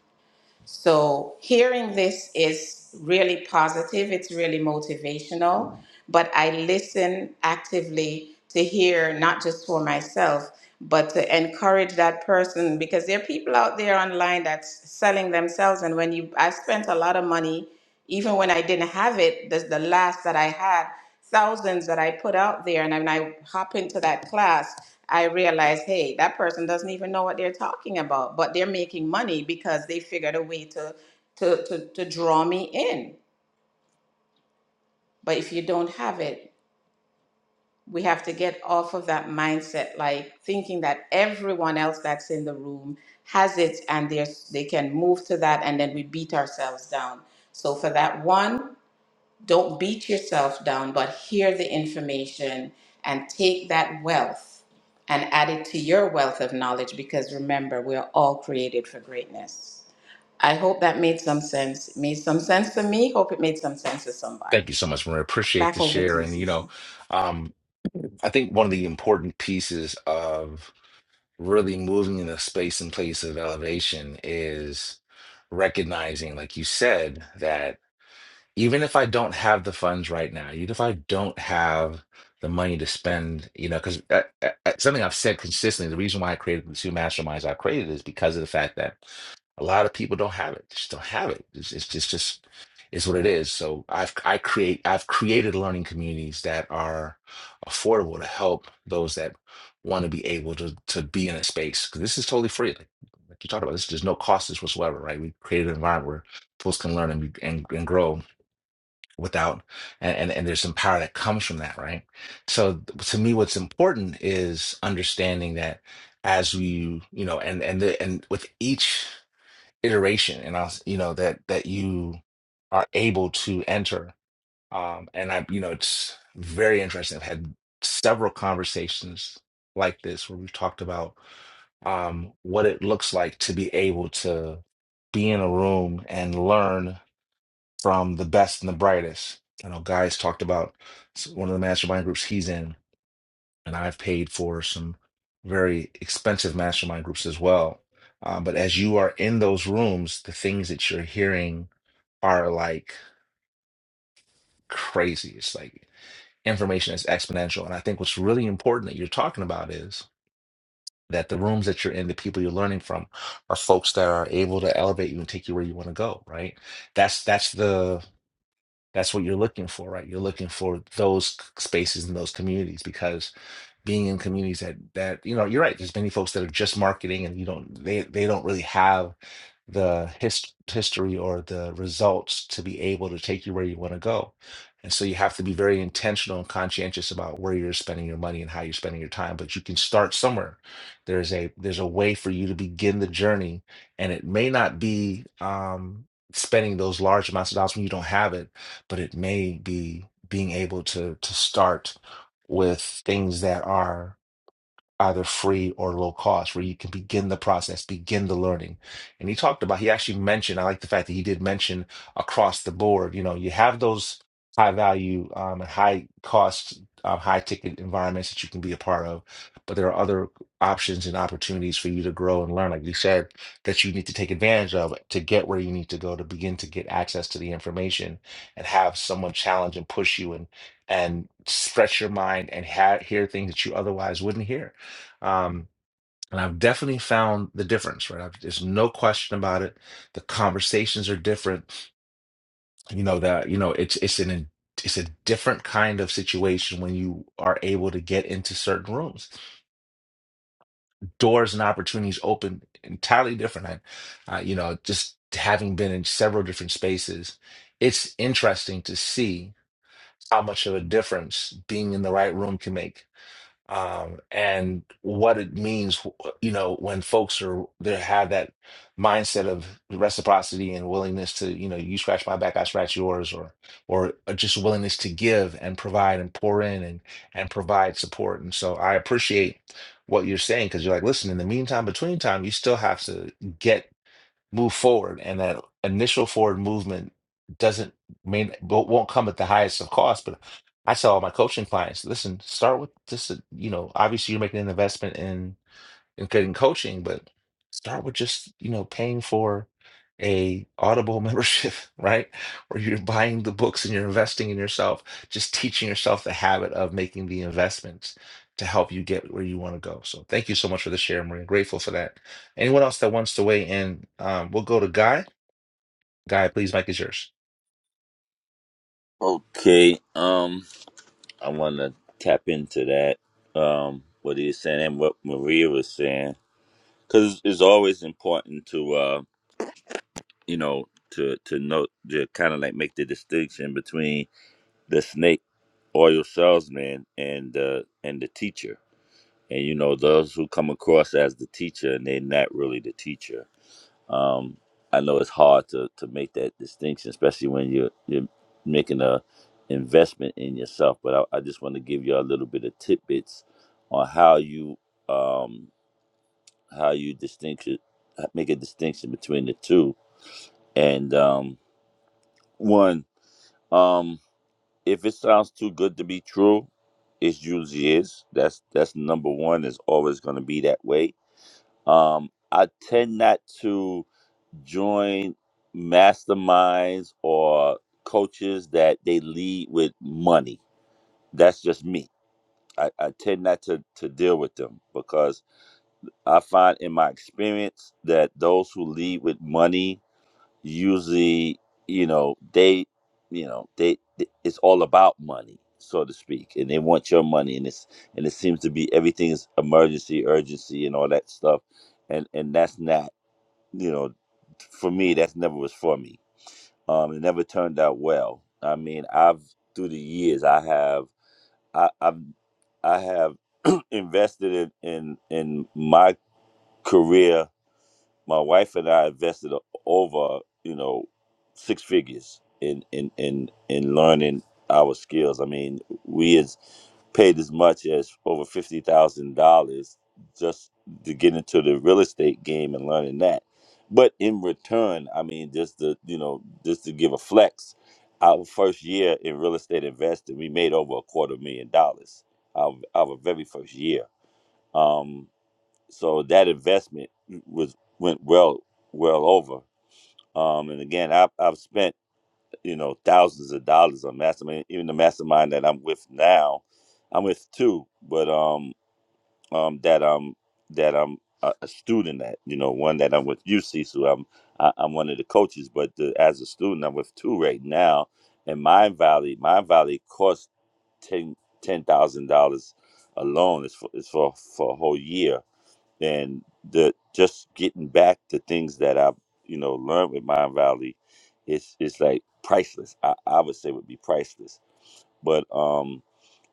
S12: So hearing this is really positive, it's really motivational, but I listen actively to hear not just for myself, but to encourage that person because there are people out there online that's selling themselves and when you I spent a lot of money even when I didn't have it, that's the last that I had thousands that I put out there, and when I hop into that class, I realize, hey, that person doesn't even know what they're talking about, but they're making money because they figured a way to to to, to draw me in. But if you don't have it, we have to get off of that mindset, like thinking that everyone else that's in the room has it and they they can move to that, and then we beat ourselves down. So for that one. Don't beat yourself down, but hear the information and take that wealth and add it to your wealth of knowledge because remember, we're all created for greatness. I hope that made some sense. It made some sense to me. Hope it made some sense to somebody.
S2: Thank you so much, Maria. Appreciate
S12: Back
S2: the
S12: over to
S2: share.
S12: you,
S2: And you
S12: Cecil.
S2: know, I think one of the important pieces of really moving in the space and place of elevation is recognizing, like you said, that even if I don't have the funds right now, even if I don't have the money to spend, you know, because something I've said consistently, the reason why I created the two masterminds I created is because of the fact that a lot of people don't have it. They just don't have it. It's, it's just just it's what it is. So I've I create I've created learning communities that are affordable to help those that want to be able to to be in a space. Because this is totally free. Like, like you talked about, this there's no cost this whatsoever, right? We created an environment where folks can learn and be, and, and grow without and, and and there's some power that comes from that, right? So to me, what's important is understanding that as we you know and and the, and with each iteration and I, you know, that that you are able to enter. Um, and I, you know, it's very interesting. I've had several conversations like this where we've talked about um, what it looks like to be able to be in a room and learn from the best and the brightest. I know guys talked about s- one of the mastermind groups he's in and I've paid for some very expensive mastermind groups as well. Um, but as you are in those rooms, the things that you're hearing are like crazy. It's like information is exponential. And I think what's really important that you're talking about is that the rooms that you're in, the people you're learning from, are folks that are able to elevate you and take you where you want to go. Right? That's that's the that's what you're looking for, right? You're looking for those spaces and those communities because being in communities that that you know you're right there's many folks that are just marketing and you don't they they don't really have the hist- history or the results to be able to take you where you want to go and so you have to be very intentional and conscientious about where you're spending your money and how you're spending your time but you can start somewhere there's a there's a way for you to begin the journey and it may not be um spending those large amounts of dollars when you don't have it but it may be being able to to start with things that are either free or low cost, where you can begin the process, begin the learning. And he talked about, he actually mentioned, I like the fact that he did mention across the board, you know, you have those high value, um, and high cost, uh, high ticket environments that you can be a part of, but there are other options and opportunities for you to grow and learn, like you said, that you need to take advantage of to get where you need to go to begin to get access to the information and have someone challenge and push you and and stretch your mind and ha- hear things that you otherwise wouldn't hear um, and I've definitely found the difference, right? I've, there's no question about it. The conversations are different. You know that you know it's it's an it's a different kind of situation when you are able to get into certain rooms. Doors and opportunities open entirely different. I, uh, you know, just having been in several different spaces, it's interesting to see how much of a difference being in the right room can make um, and what it means, you know, when folks are they have that mindset of reciprocity and willingness to, you know, you scratch my back, I scratch yours, or or uh, just willingness to give and provide and pour in and and provide support. And so I appreciate what you're saying because you're like, listen, in the meantime, between time, you still have to get move forward and that initial forward movement doesn't mean won't won't come at the highest of cost but i tell all my coaching clients listen start with just a- you know obviously you're making an investment in in getting coaching, but start with just, you know, paying for a Audible membership, right? Where you're buying the books and you're investing in yourself, just teaching yourself the habit of making the investments to help you get where you want to go. So thank you so much for the share, Maria. Grateful for that. Anyone else that wants to weigh in, um, we'll go to Guy. Guy, please, Mike is yours.
S8: Okay, um, I want to tap into that, um, what he's saying and what Maria was saying, because it's always important to, uh, you know, to to note to kind of like make the distinction between the snake oil salesman and the and the teacher, and you know those who come across as the teacher and they're not really the teacher Um, I know it's hard to, to make that distinction, especially when you're you're making a investment in yourself. But I, I just want to give you a little bit of tidbits on how you um, how you distinction make a distinction between the two. And um, one, um, if it sounds too good to be true, it usually is. That's that's number one. Is always going to be that way. Um, I tend not to. join masterminds or coaches that they lead with money. That's just me. I, I tend not to, to deal with them because I find in my experience that those who lead with money usually, you know, they, you know, they, they- it's all about money, so to speak, and they want your money, and it's and it seems to be everything is emergency, urgency, and all that stuff, and and that's not, you know, for me that's never was for me um, it never turned out well. I mean, I've through the years, I have, I, I've, I have invested in, in in my career my wife and I invested over, you know, six figures in in in in learning our skills. I mean, we has paid as much as over fifty thousand dollars just to get into the real estate game and learning that. But in return, I mean, just to you know, just to give a flex, our first year in real estate investing, we made over a quarter million dollars. Our our very first year. Um so that investment was went well well over um and again i've, I've spent you know thousands of dollars on mastermind even the mastermind that i'm with now i'm with two but um um that um that i'm a, a student at you know one that i'm with uc so i'm I, i'm one of the coaches but the, as a student i'm with two right now and mind valley mind valley cost ten ten thousand dollars alone is for, is for for a whole year and the just getting back to things that I've you know learned with Mind Valley, it's it's like priceless. I, I would say would be priceless. But um,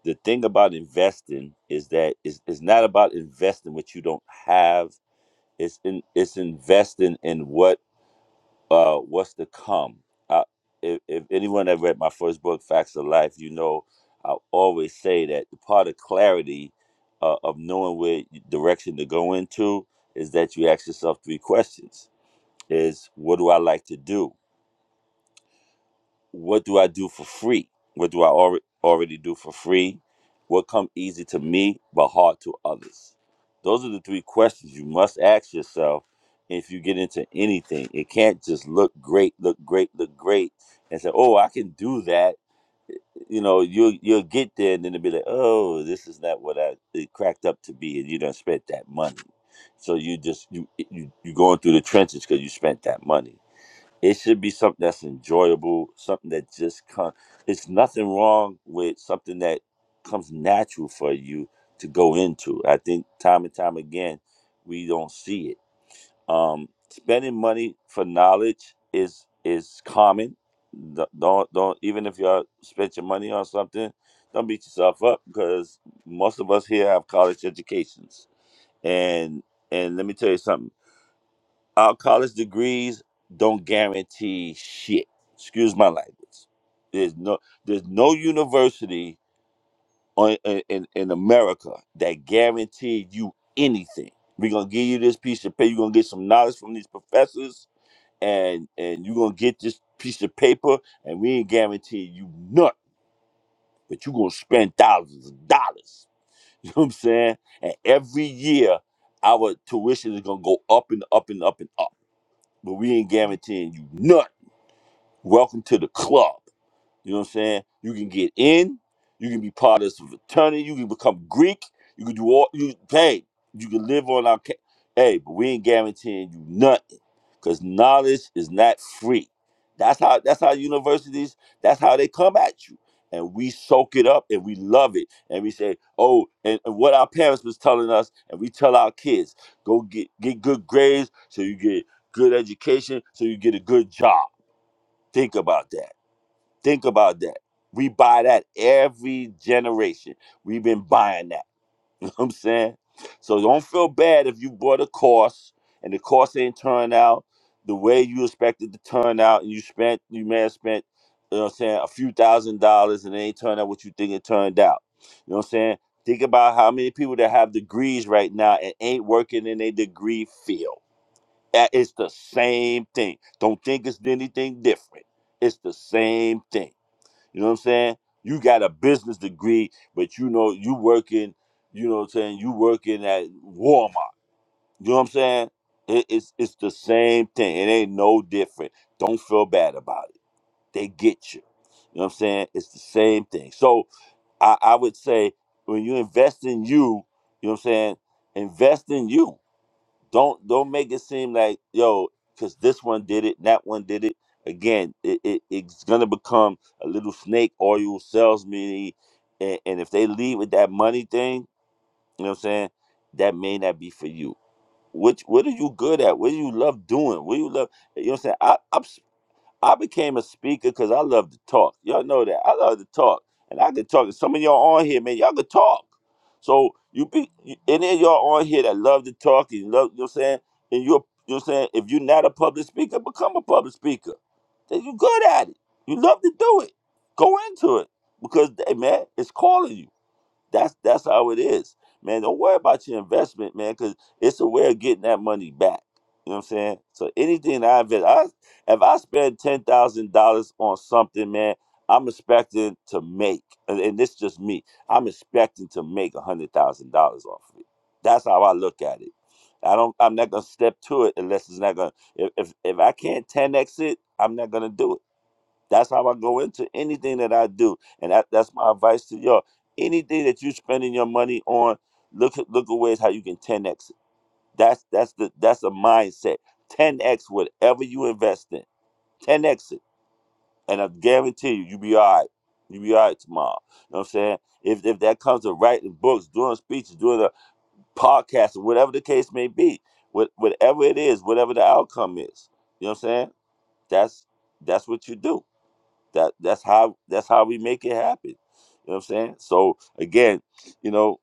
S8: the thing about investing is that it's, it's not about investing what you don't have. It's in, it's investing in what uh, what's to come. I, if, if anyone that read my first book, Facts of Life, you know I always say that the part of clarity uh, of knowing where direction to go into is that you ask yourself three questions: Is what do I like to do? what do I do for free? What do I alre- already do for free? What come easy to me but hard to others? Those are the three questions you must ask yourself if you get into anything. It can't just look great, look great, look great, and say, "Oh, I can do that." You know, you'll you'll get there, and then it'll be like, "Oh, this is not what I it cracked up to be," and you don't spent that money. So you just you you you going through the trenches because you spent that money. It should be something that's enjoyable, something that just comes. It's nothing wrong with something that comes natural for you to go into. I think time and time again, we don't see it. Um, spending money for knowledge is is common. Th- Don't don't even if you spend your money on something, don't beat yourself up because most of us here have college educations. And and let me tell you something. Our college degrees don't guarantee shit. Excuse my language. There's no there's no university on, in, in in America that guaranteed you anything. We're gonna give you this piece of paper. You're gonna get some knowledge from these professors, and and you're gonna get this piece of paper, and we ain't guaranteeing you nothing, but you're gonna spend thousands of dollars. You know what I'm saying? And every year, our tuition is gonna go up and up and up and up but we ain't guaranteeing you nothing. Welcome to the club. You know what I'm saying? You can get in, you can be part of some fraternity, you can become Greek, you can do all you hey, you can live on our ca- hey, but we ain't guaranteeing you nothing because knowledge is not free. That's how that's how universities, that's how they come at you. And we soak it up and we love it. And we say, oh, and, and what our parents was telling us, and we tell our kids, go get get good grades so you get good education, so you get a good job. Think about that. Think about that. We buy that every generation. We've been buying that. I'm saying? So don't feel bad if you bought a course and the course ain't turned out the way you expected to turn out and you spent you may have spent, you know what I'm saying, a few thousand dollars and it ain't turned out what you think it turned out. You know what I'm saying? Think about how many people that have degrees right now and ain't working in a degree field. That- It's the same thing. Don't think it's anything different. It's the same thing. You know what I'm saying? You got a business degree, but you know you working, you know what I'm saying, you working at Walmart. You know what I'm saying? It, it's it's the same thing. It ain't no different. Don't feel bad about it. They get you. You know what I'm saying? It's the same thing. So I, I would say when you invest in you, you know what I'm saying, invest in you don't don't make it seem like yo because this one did it that one did it again it, it it's gonna become a little snake oil salesman and, and if they leave with that money thing you know what i'm saying that may not be for you which what are you good at what do you love doing what do you love you know what i'm saying I, am I became a speaker because I love to talk. Y'all know that. I love to talk. And I could talk to some of y'all on here, man. Y'all could talk. So you be any of y'all on here that love to talk and love, you know what I'm saying? And you're you know what I'm saying, if you're not a public speaker, become a public speaker. Then you good at it. You love to do it. Go into it. Because hey, man, it's calling you. That's that's how it is, man. Don't worry about your investment, man, because it's a way of getting that money back. You know what I'm saying? So anything that I invest, I, if I spend ten thousand dollars on something, man, I'm expecting to make, and, and this just me. I'm expecting to make a hundred thousand dollars off of it. That's how I look at it. I don't. I'm not gonna step to it unless it's not gonna. If if, if I can't ten x it, I'm not gonna do it. That's how I go into anything that I do, and that, that's my advice to y'all. Anything that you're spending your money on, look at look at ways how you can 10x. it. That's that's the that's a mindset. 10x whatever you invest in. 10x it, and I guarantee you, you'll be all right. You'll be all right tomorrow. You know what I'm saying? If if that comes to writing books, doing speeches, doing a podcast, whatever the case may be, what whatever it is, whatever the outcome is, you know what I'm saying? That's that's what you do that that's how that's how we make it happen. You know what I'm saying? So again, you know,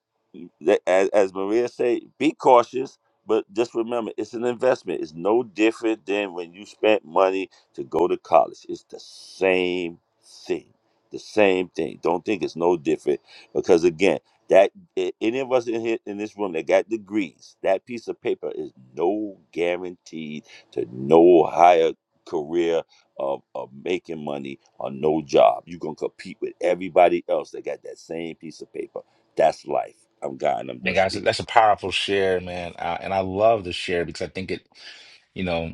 S8: that, as, as Maria said, be cautious, but just remember it's an investment. It's no different than when you spent money to go to college. It's the same thing. The same thing. Don't think it's no different because again, that a- any of us in here in this room that got degrees, that piece of paper is no guaranteed to no higher career of, of making money on no job. You're gonna compete with everybody else that got that same piece of paper. That's life. I'm God and I'm done
S2: Hey guys,
S8: speaking.
S2: that's a powerful share, man, uh, and I love the share because I think it, you know.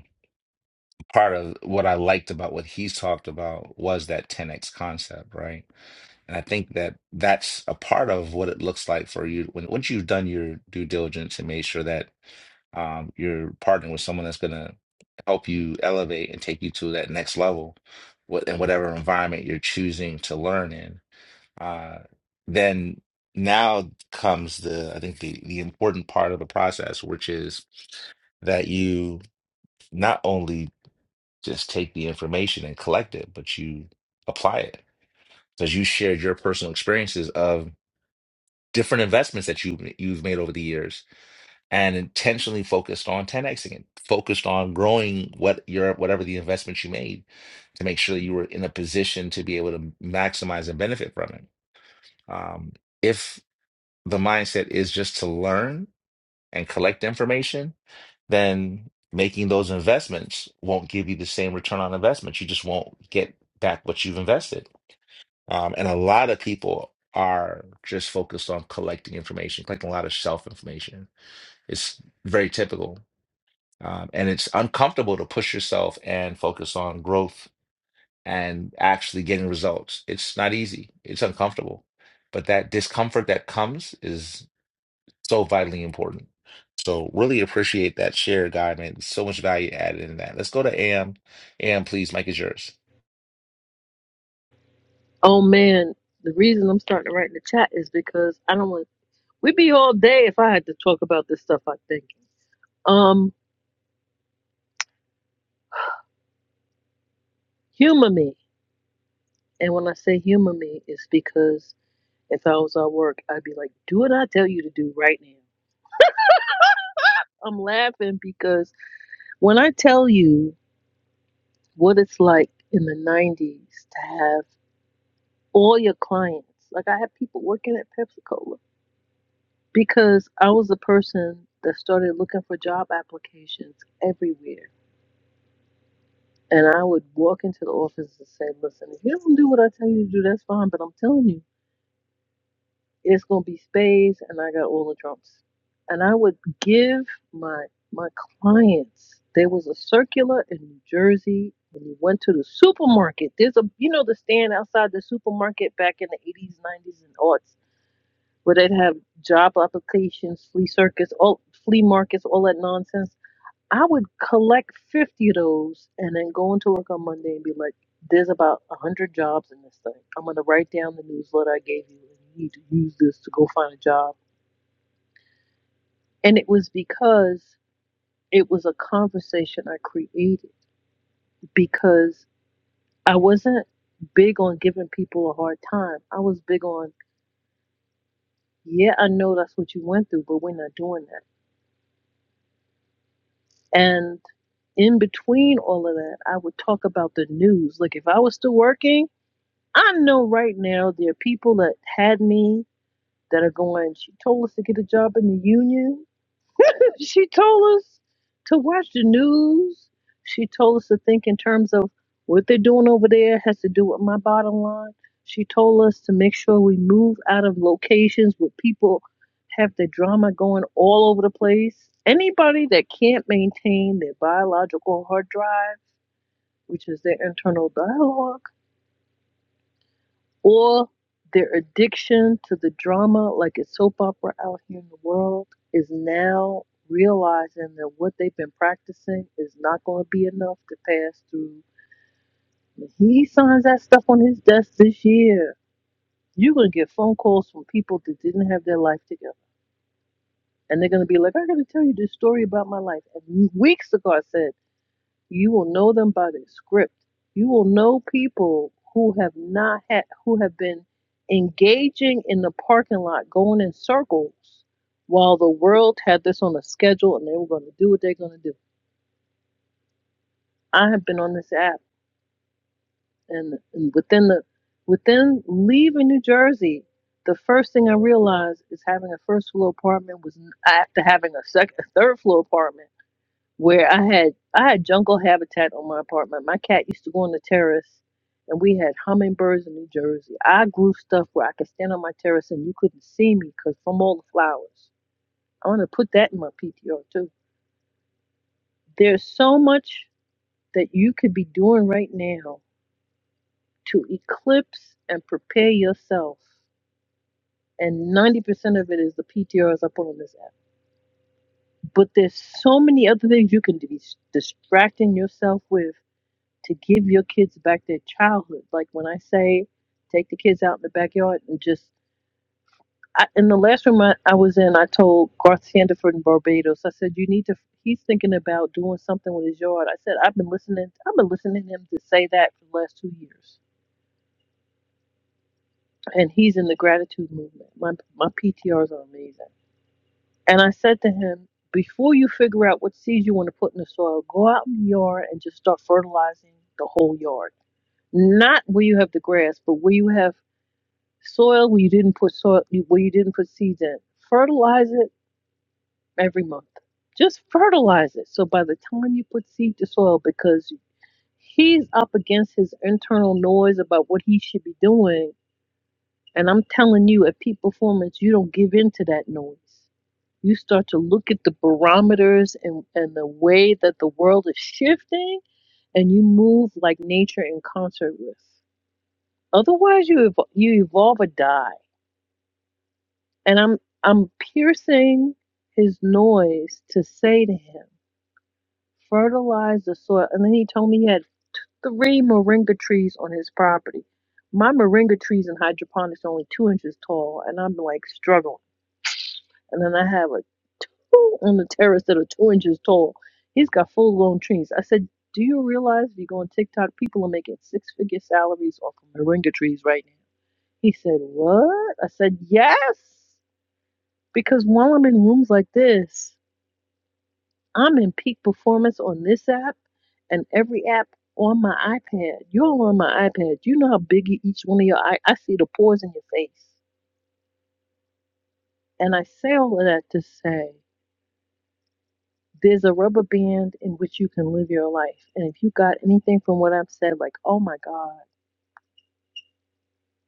S2: part of what I liked about what he's talked about was that 10x concept, right? And I think that that's a part of what it looks like for you when once you've done your due diligence and made sure that um, you're partnering with someone that's going to help you elevate and take you to that next level, what in whatever environment you're choosing to learn in. Uh, then now comes the I think the the important part of the process, which is that you not only just take the information and collect it, but you apply it because you shared your personal experiences of different investments that you you've made over the years and intentionally focused on 10xing it, focused on growing what your whatever the investments you made to make sure that you were in a position to be able to maximize and benefit from it. Um, if the mindset is just to learn and collect information, then making those investments won't give you the same return on investment. You just won't get back what you've invested. Um, and a lot of people are just focused on collecting information, collecting a lot of self information. It's very typical. Um, and it's uncomfortable to push yourself and focus on growth and actually getting results. It's not easy, it's uncomfortable. But that discomfort that comes is so vitally important. So really appreciate that share, guy, man. So much value added in that. Let's go to Am. Am, please, Mike is yours.
S6: Oh man, the reason I'm starting to write in the chat is because I don't want. We'd be all day if I had to talk about this stuff. I think. Um, humor me, and when I say humor me, it's because if I was at work, I'd be like, "Do what I tell you to do right now." I'm laughing because when I tell you what it's like in the '90s to have all your clients, like I have people working at Pepsi Cola. because I was a person that started looking for job applications everywhere. And I would walk into the office and say, listen, if you don't do what I tell you to do, that's fine. But I'm telling you, it's going to be space and I got all the trumps. And I would give my my clients, there was a circular in New Jersey when you went to the supermarket. There's a, you know, the stand outside the supermarket back in the 80s, 90s, and aughts where they'd have job applications, flea circus, all flea markets, all that nonsense. I would collect fifty of those and then go into work on Monday and be like, "There's about a hundred jobs in this thing. I'm gonna write down the newsletter I gave you, and you need to use this to go find a job." And it was because it was a conversation I created because I wasn't big on giving people a hard time. I was big on, yeah, I know that's what you went through, but we're not doing that And in between all of that, I would talk about the news. Like if I was still working, I know right now there are people that had me that are going, she told us to get a job in the union. She told us to watch the news. She told us to think in terms of what they're doing over there has to do with my bottom line. She told us to make sure we move out of locations where people have the drama going all over the place. Anybody that can't maintain their biological hard drive, which is their internal dialogue, or their addiction to the drama, like a soap opera out here in the world, is now realizing that what they've been practicing is not going to be enough to pass through. When He signs that stuff on his desk this year. You're going to get phone calls from people that didn't have their life together. And they're going to be like, I got to tell you this story about my life. And weeks ago, I said, You will know them by their script. You will know people who have not had, who have been engaging in the parking lot, going in circles while the world had this on a schedule and they were going to do what they're going to do. I have been on this app and, and within the, within leaving New Jersey, the first thing I realized is having a first floor apartment was after having a second, third floor apartment where I had I had jungle habitat on my apartment. My cat used to go on the terrace, and we had hummingbirds in New Jersey. I grew stuff where I could stand on my terrace and you couldn't see me because from all the flowers. I want to put that in my PTR too. There's so much that you could be doing right now to eclipse and prepare yourself, and 90% of it is the PTRs I put on this app. But there's so many other things you can be s- distracting yourself with to give your kids back their childhood. Like when I say take the kids out in the backyard and just I, in the last room I, I was in, I told Garth Sandiford in Barbados. I said you need to. He's thinking about doing something with his yard. I said I've been listening. I've been listening to him to say that for the last two years, and he's in the gratitude movement. My my PTRs are amazing. And I said to him. Before you figure out what seeds you want to put in the soil, go out in the yard and just start fertilizing the whole yard. Not where you have the grass, but where you have Soil where you didn't put soil where you didn't put seeds in. Fertilize it every month. Just fertilize it. So by the time you put seed to soil, because he's up against his internal noise about what he should be doing. And I'm telling you, at peak performance, you don't give in to that noise. You start to look at the barometers and, and the way that the world is shifting, and you move like nature in concert with. Otherwise, you, ev- you evolve or die. And I'm I'm piercing his noise to say to him, fertilize the soil. And then he told me he had three moringa trees on his property. My moringa trees in hydroponics are only two inches tall, and I'm like struggling. And then I have a two on the terrace that are two inches tall. He's got full grown trees. I said, Do you realize if you go on TikTok, people are making six figure salaries off of moringa trees right now? He said, What? I said, Yes. Because while I'm in rooms like this, I'm in peak performance on this app and every app on my iPad. You're on my iPad. You know how big each one of your I, I see the pores in your face. And I say all of that to say there's a rubber band in which you can live your life. And if you got anything from what I've said, like, oh my God,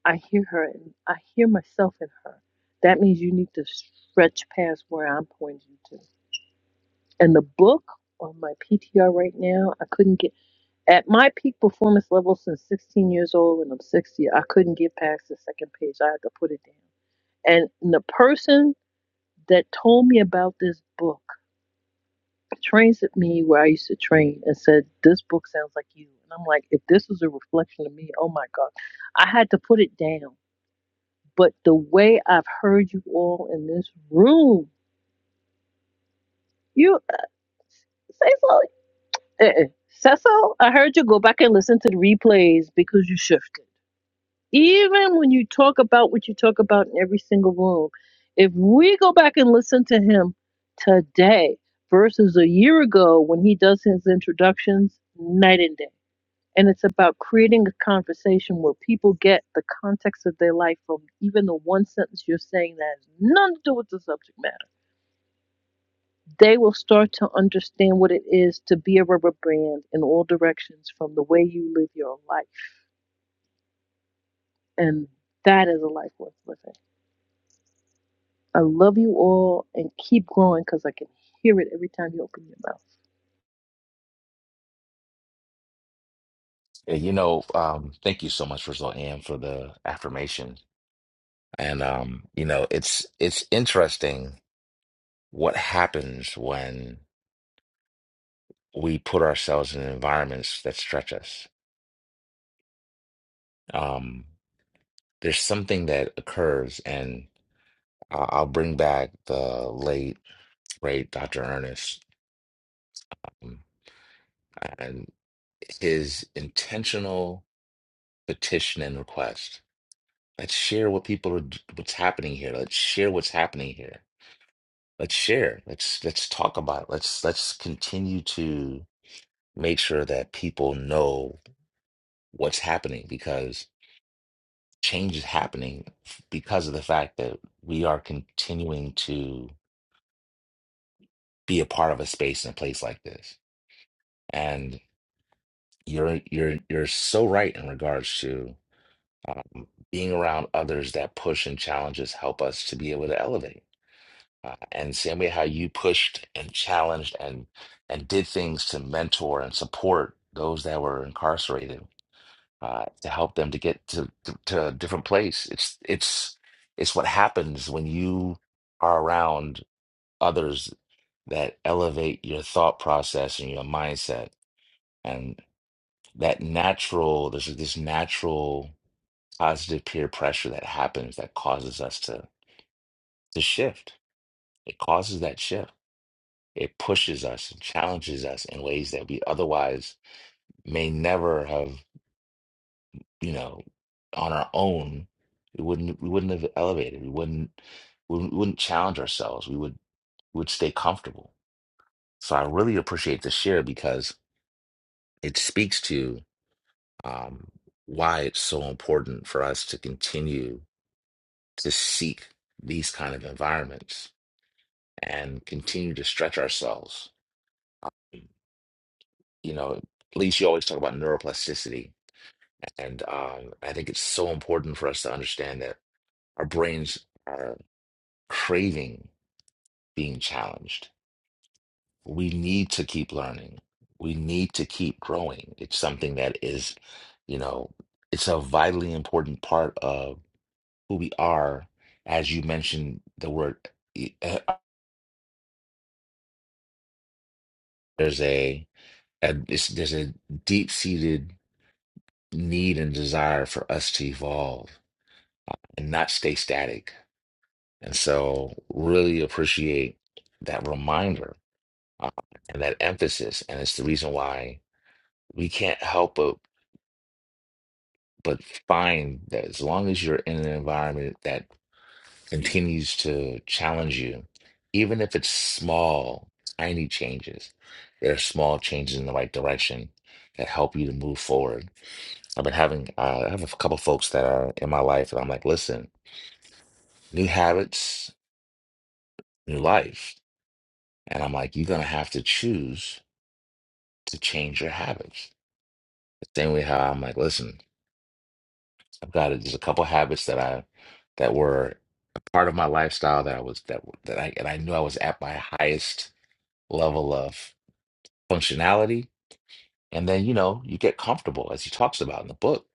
S6: I hear her and I hear myself in her, that means you need to stretch past where I'm pointing to. And the book on my PTR right now, I couldn't get At my peak performance level since 16 years old, and I'm 60, I couldn't get past the second page. I had to put it down. And the person that told me about this book trains at me where I used to train and said, This book sounds like you. And I'm like, If this was a reflection of me, oh my God. I had to put it down. But the way I've heard you all in this room, you say so. Uh-uh. Cecil, I heard you go back and listen to the replays because you shifted. even when you talk about what you talk about in every single room, if we go back and listen to him today versus a year ago when he does his introductions, night and day. And it's about creating a conversation where people get the context of their life from even the one sentence you're saying that has nothing to do with the subject matter. They will start to understand what it is to be a rubber brand in all directions from the way you live your life. And that is a life worth living. I love you all and keep growing because I can hear it every time you open your mouth.
S2: And, you know, um, thank you so much, Rizal Am, for the affirmation. And um, you know, it's it's interesting what happens when we put ourselves in environments that stretch us. Um, there's something that occurs, and I- I'll bring back the late great Dr. Ernest. um, and his intentional petition and request. Let's share what people are, d- what's happening here. Let's share what's happening here. Let's share. Let's let's talk about it. Let's let's continue to make sure that people know what's happening because change is happening f- because of the fact that we are continuing to be a part of a space and a place like this. And you're you're you're so right in regards to um, being around others that push and challenges help us to be able to elevate. Uh, and same way how you pushed and challenged and and did things to mentor and support those that were incarcerated uh, to help them to get to, to to a different place. It's it's it's what happens when you are around others that elevate your thought process and your mindset and that natural there's this natural positive peer pressure that happens that causes us to to shift. It causes that shift. It pushes us and challenges us in ways that we otherwise may never have, you know, on our own. We wouldn't we wouldn't have elevated. We wouldn't we wouldn't we wouldn't challenge ourselves. We would we would stay comfortable. So I really appreciate this share because it speaks to um, why it's so important for us to continue to seek these kind of environments and continue to stretch ourselves. You know, Lisa, you always talk about neuroplasticity, and um, I think it's so important for us to understand that our brains are craving being challenged. We need to keep learning. We need to keep growing. It's something that is, you know, it's a vitally important part of who we are. As you mentioned, the word eh, eh, there's a, a it's, there's a deep seated need and desire for us to evolve and not stay static. And so, really appreciate that reminder uh, and that emphasis. And it's the reason why we can't help but but find that as long as you're in an environment that continues to challenge you, even if it's small, tiny changes, there are small changes in the right direction that help you to move forward. I've been having uh, I have a couple folks that are in my life, and I'm like, listen. new habits, new life. And I'm like, you're going to have to choose to change your habits. The same way how I'm like, listen, I've got it. There's a couple habits that I, that were a part of my lifestyle that I was, that, that I, and I knew I was at my highest level of functionality. And then, you know, you get comfortable as he talks about in the book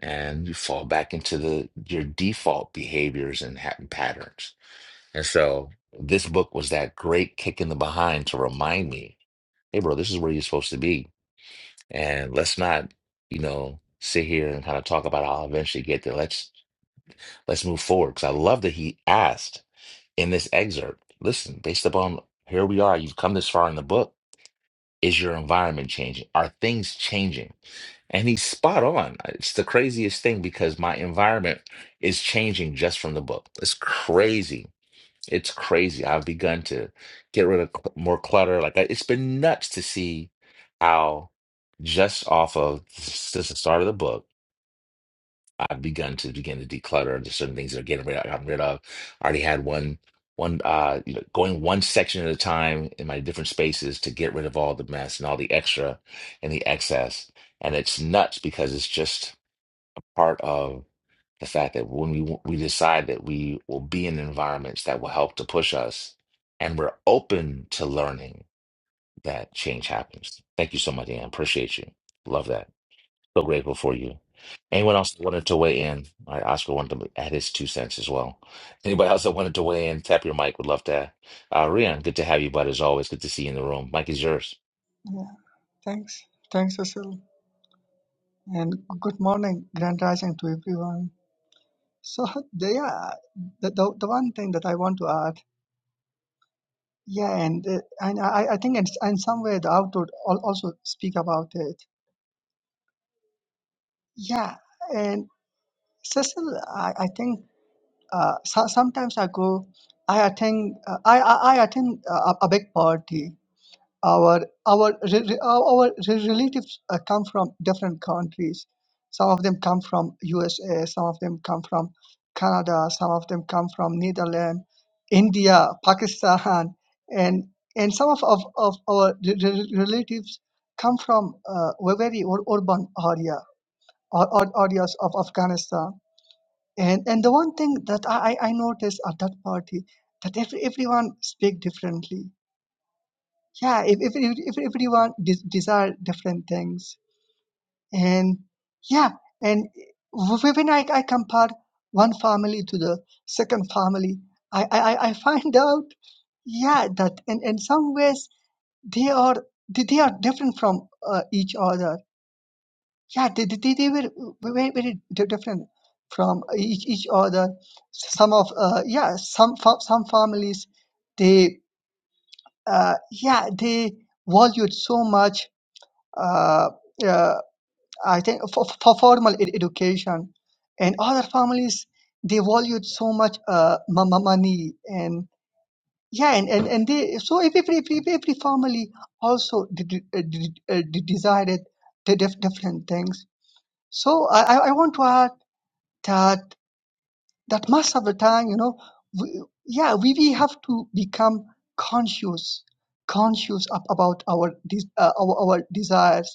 S2: and you fall back into the, your default behaviors and ha- patterns. And so this book was that great kick in the behind to remind me hey, bro, this is where you're supposed to be. And let's not, you know, sit here and kind of talk about how I'll eventually get there. Let's let's move forward. Because I love that he asked in this excerpt, listen, based upon here we are, you've come this far in the book. Is your environment changing? Are things changing? And he's spot on. It's the craziest thing because my environment is changing just from the book. It's crazy it's crazy. I've begun to get rid of cl- more clutter. Like I- it's been nuts to see how just off of s- since the start of the book, I've begun to begin to declutter just certain things that are getting rid of, gotten rid of. I already had one one uh you know going one section at a time in my different spaces to get rid of all the mess and all the extra and the excess. And it's nuts because it's just part of the fact that when we we decide that we will be in environments that will help to push us, and we're open to learning, that change happens. Thank you so much, Ann. Appreciate you. Love that. So grateful for you. Anyone else that wanted to weigh in? All right, Oscar wanted to add his two cents as well. Anybody else that wanted to weigh in? Tap your mic. Would love to. Uh, Rian, good to have you, bud. As always, good to see you in the room. Mike is yours.
S13: Yeah, thanks. Thanks, Cecil. And good morning, Grand Rising to everyone. So, the- yeah, the, the, the one thing that I want to add, yeah, and uh, and I, I think in, in some way the outdoor al- also speak about it. Yeah, and Cecil, I, I think uh, so, sometimes I go, I attend, uh, I, I, I attend a, a big party our our re- re- our re- relatives uh, come from different countries some of them come from usa some of them come from canada some of them come from netherlands india pakistan and and some of, of, of our re- re- relatives come from uh, were very ur- urban area or, or areas of afghanistan and and the one thing that i i I noticed at that party that every, everyone speak differently yeah if, if, if, if everyone de- desire different things and yeah and w- when I, I compare one family to the second family i i, I I find out yeah that in, in some ways they are they, they are different from uh, each other yeah they, they, they they were very very di- different from each, each other some of uh, yeah some fa- some families they uh, yeah they valued so much uh, uh, I think for, for formal ed- education and other families they valued so much uh, mo- mo- money and yeah and, and, and they so every, every, every every family also de- de- uh, de- uh, de- decided the dif- different things so I, I I want to add that that most of the time you know we, yeah we, we have to become conscious conscious ab- about our, de- uh, our our desires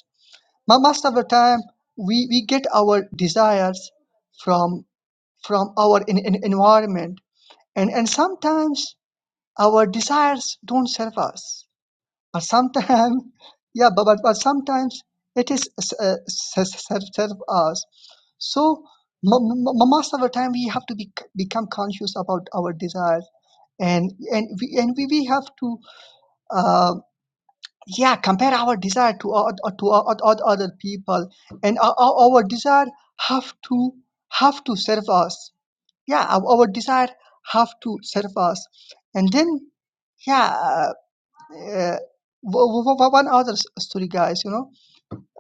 S13: but most of the time, we, we get our desires from from our in, in- environment, and and sometimes our desires don't serve us. But sometimes, yeah, but but, but sometimes it is uh, serve, serve us. So mo- mo- mo- most of the time, we have to be, become conscious about our desires, and and we and we, we have to. uh, yeah compare our desire to oth- oth- to oth- oth- other people and our, our desire have to have to serve us yeah our, our desire have to serve us and then yeah uh, wo- wo- wo- one other s- story guys you know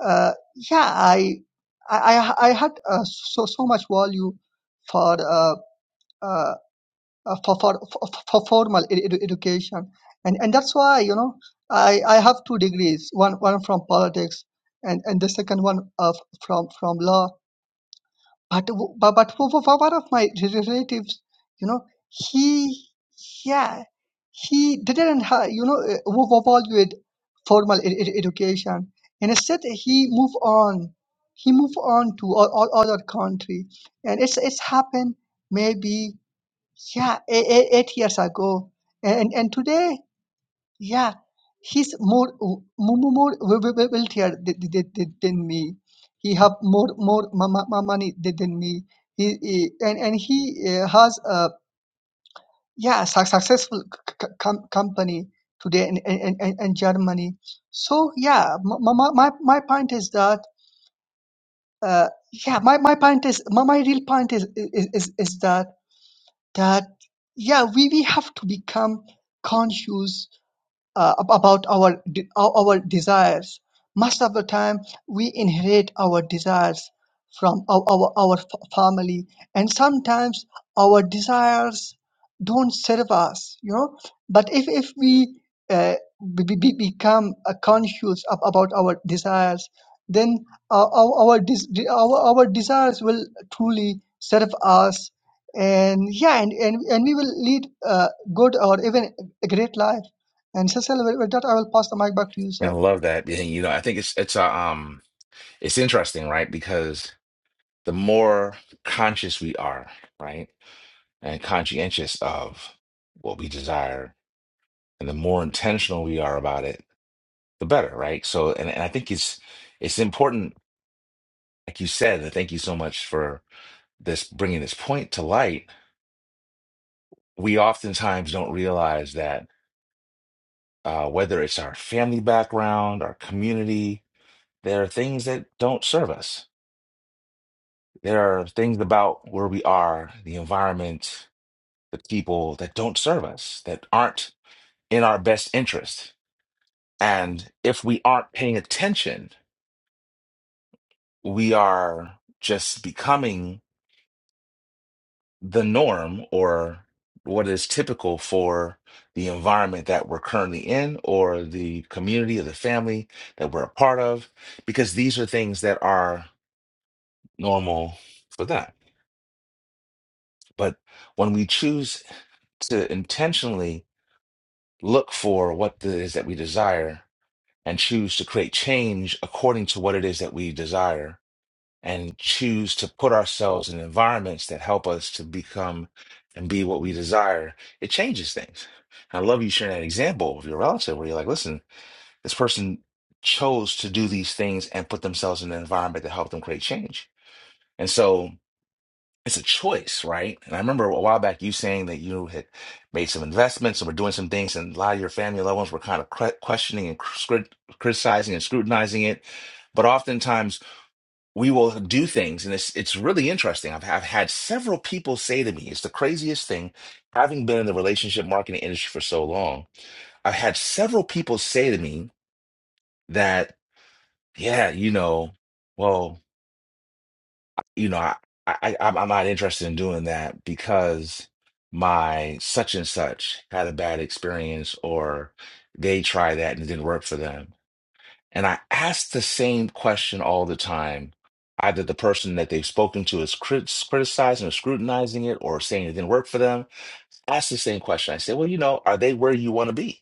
S13: uh, yeah i i i I had uh, so so much value for uh, uh, uh, for, for, for for formal ed- edu- education and and that's why you know i i have two degrees one one from politics and and the second one of from from law but w- but, but for, for for one of my relatives you know he yeah he didn't ha- you know uh, w- evaluate formal ed- ed- education and instead he moved on he moved on to all, all other country and it's it's happened maybe yeah eight eight years ago and and today yeah he's more w- more more wealthier th- th- th- th- than me he have more more mo- mo- mo- money th- than me he, he and and he uh, has a yeah su- successful c- c- com- company today in, in, in, in germany so yeah my my, my my point is that uh, yeah my, my point is my, my real point is, is is is that that yeah we, we have to become conscious uh, ab- about our de- our desires. Most of the time, we inherit our desires from our, our our f- family, and sometimes our desires don't serve us, you know. But if if we uh, be, be, be- become uh, conscious ab- about our desires, then our our our, des- de- our our desires will truly serve us, and yeah, and and, and we will lead uh, good or even a great life. And Cecil, with with that, I will pass the mic back to you,
S2: Man, I
S13: sir.
S2: love that. And, you know, I think it's it's uh, um it's interesting, right? Because the more conscious we are, right? and conscientious of what we desire and the more intentional we are about it the better right so and, and i think it's it's important like you said and thank you so much for this bringing this point to light we oftentimes don't realize that uh, whether it's our family background our community there are things that don't serve us there are things about where we are the environment the people that don't serve us that aren't in our best interest And if we aren't paying attention, we are just becoming the norm or what is typical for the environment that we're currently in or the community or the family that we're a part of, because these are things that are normal for that. But when we choose to intentionally look for what it is that we desire and choose to create change according to what it is that we desire, and choose to put ourselves in environments that help us to become and be what we desire, it changes things. I love you sharing that example of your relative where you're like, listen, this person chose to do these things and put themselves in an environment that helped them create change. And so it's a choice, right? And I remember a while back you saying that you had made some investments and were doing some things, and a lot of your family and loved ones were kind of cre- questioning and cr- scrut- criticizing and scrutinizing it. But oftentimes we will do things and it's it's really interesting I've, I've had several people say to me it's the craziest thing having been in the relationship marketing industry for so long i've had several people say to me that yeah you know well you know i i i'm I'm not interested in doing that because my such and such had a bad experience or they tried that and it didn't work for them And I ask the same question all the time. Either the person that they've spoken to is crit- criticizing or scrutinizing it or saying it didn't work for them. Ask the same question. I say, well, you know, are they where you want to be?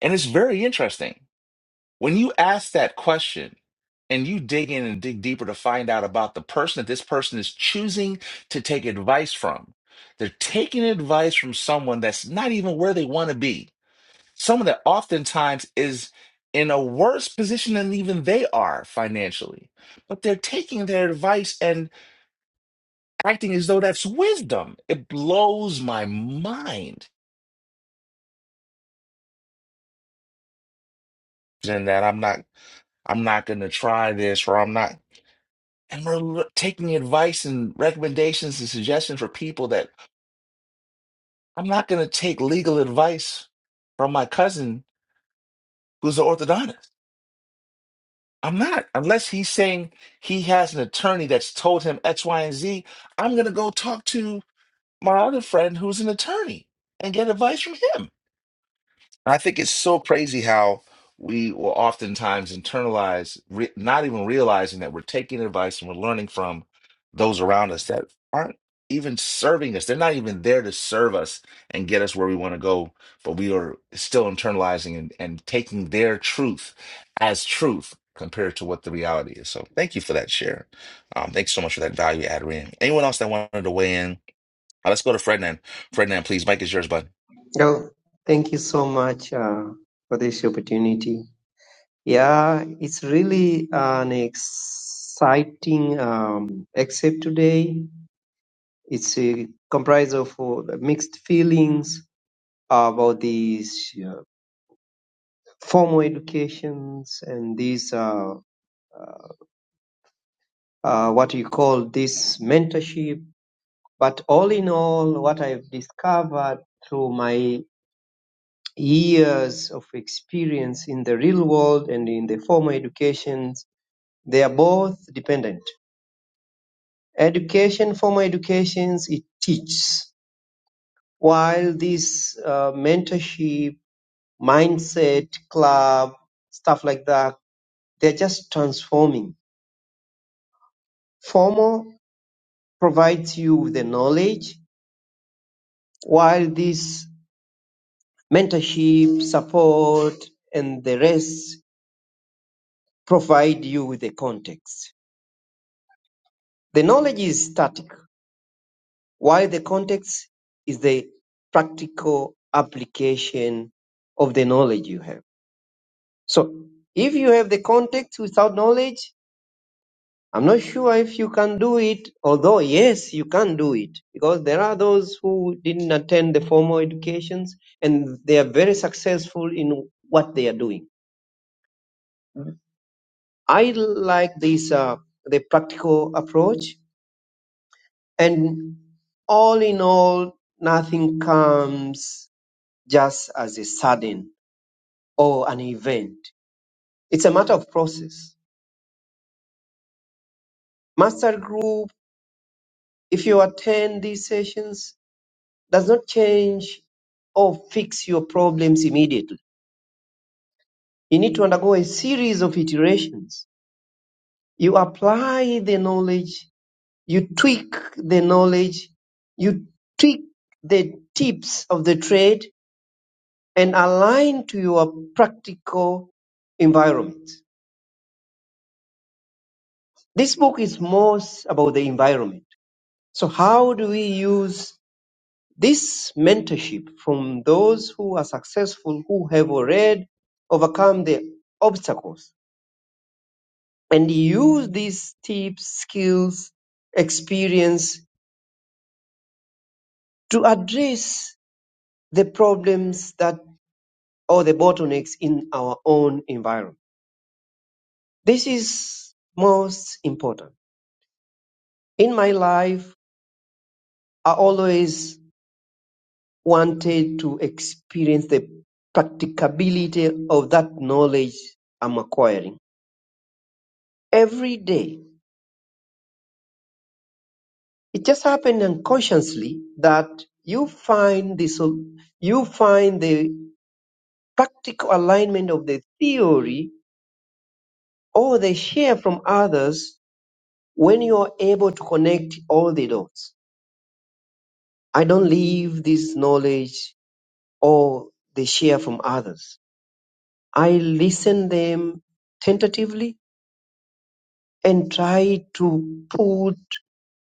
S2: And it's very interesting. When you ask that question and you dig in and dig deeper to find out about the person that this person is choosing to take advice from, they're taking advice from someone that's not even where they want to be someone that oftentimes is in a worse position than even they are financially, but they're taking their advice and acting as though that's wisdom. It blows my mind. And that I'm not, I'm not going to try this, or I'm not. And we're l- taking advice and recommendations and suggestions for people that I'm not going to take legal advice from my cousin who's an orthodontist. I'm not. Unless he's saying he has an attorney that's told him X, Y, and Z, I'm going to go talk to my other friend who's an attorney and get advice from him. And I think it's so crazy how we will oftentimes internalize, re not even realizing that we're taking advice and we're learning from those around us that aren't even serving us. They're not even there to serve us and get us where we want to go, but we are still internalizing and, and taking their truth as truth compared to what the reality is. So thank you for that share. Um, thanks so much for that value add, Ryan. Anyone else that wanted to weigh in? Uh, let's go to Frednan. Frednan, please. Mike is yours, bud.
S11: Oh, thank you so much uh, for this opportunity. Yeah, it's really an exciting um, except today. It's a comprised of uh, mixed feelings about these uh, formal educations and these uh, uh, what you call this mentorship But all in all, what I've discovered through my years of experience in the real world and in the formal educations, they are both dependent. Education, formal educations, it teaches, while this uh, mentorship, mindset, club, stuff like that, they're just transforming. Formal provides you with the knowledge, while this mentorship, support, and the rest provide you with the context. The knowledge is static, while the context is the practical application of the knowledge you have. So if you have the context without knowledge, I'm not sure if you can do it, although yes, you can do it because there are those who didn't attend the formal educations and they are very successful in what they are doing. I like this, uh, the practical approach And all in all, nothing comes just as a sudden or an event. It's a matter of process. Master group, if you attend these sessions, does not change or fix your problems immediately. You need to undergo a series of iterations. You apply the knowledge, you tweak the knowledge, you tweak the tips of the trade and aligned to your practical environment. This book is most about the environment. So how do we use this mentorship from those who are successful, who have already overcome the obstacles and use these tips, skills, experience to address the problems that or the bottlenecks in our own environment. This is most important. In my life, I always wanted to experience the practicability of that knowledge I'm acquiring every day. It just happened unconsciously that you find this, you find the practical alignment of the theory or the share from others when you are able to connect all the dots. I don't leave this knowledge or the share from others. I listen them tentatively and try to put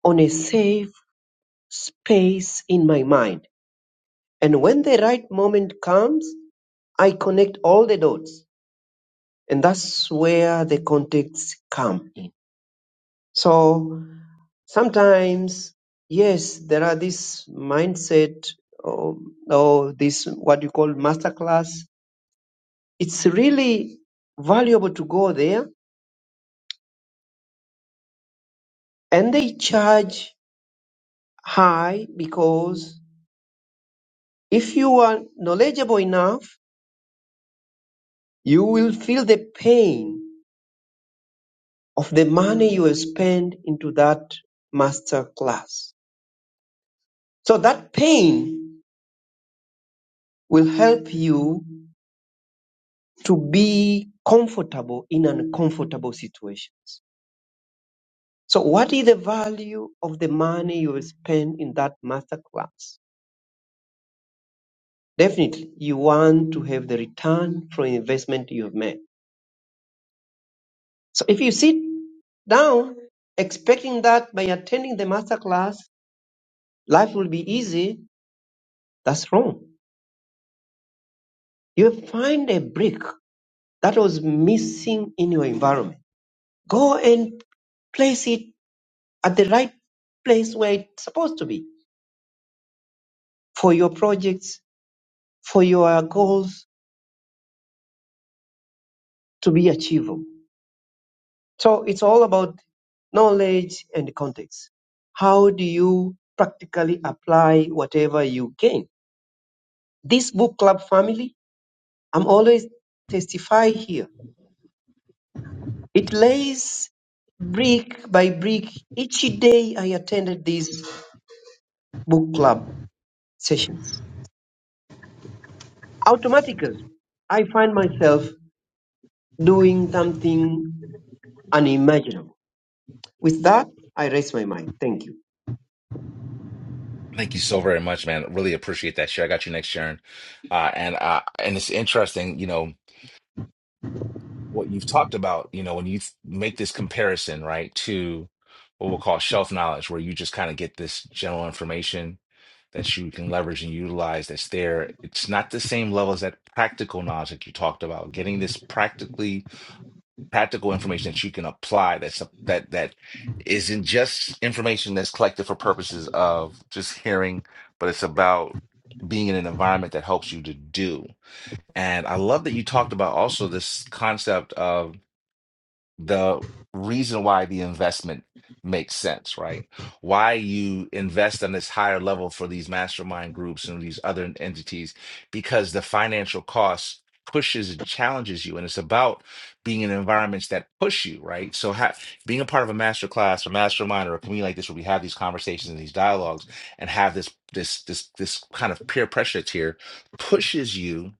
S11: on a safe space in my mind. And when the right moment comes, I connect all the dots. And that's where the context come in. So sometimes, yes, there are this mindset or, or this what you call masterclass. It's really valuable to go there and they charge high because if you are knowledgeable enough You will feel the pain of the money you have spent into that master class. So that pain will help you to be comfortable in uncomfortable situations. So what is the value of the money you have spent in that master class? Definitely, you want to have the return from investment you've made. So if you sit down expecting that by attending the master class, life will be easy, that's wrong You find a brick that was missing in your environment. Go and place it at the right place where it's supposed to be for your projects, for your goals to be achievable. So it's all about knowledge and context. How do you practically apply whatever you gain? This book club family, I'm always testify here. It lays brick by brick each day I attended this book club sessions. Automatically, I find myself doing something unimaginable. With that, I raise my mind. Thank you.
S2: Thank you so very much, man. Really appreciate that share. I got you next, Sharon. Uh, and uh, and it's interesting, you know, what you've talked about. You know, when you th- make this comparison, right, to what we'll call shelf knowledge, where you just kind of get this general information that you can leverage and utilize that's there. It's not the same level as that practical knowledge that you talked about. Getting this practically practical information that you can apply that's that that isn't just information that's collected for purposes of just hearing but it's about being in an environment that helps you to do and i love that you talked about also this concept of the reason why the investment makes sense, right? Why you invest on this higher level for these mastermind groups and these other entities, because the financial cost pushes and challenges you. And it's about being in environments that push you, right? So ha- being a part of a master class or mastermind or a community like this where we have these conversations and these dialogues and have this this this this kind of peer pressure tier pushes you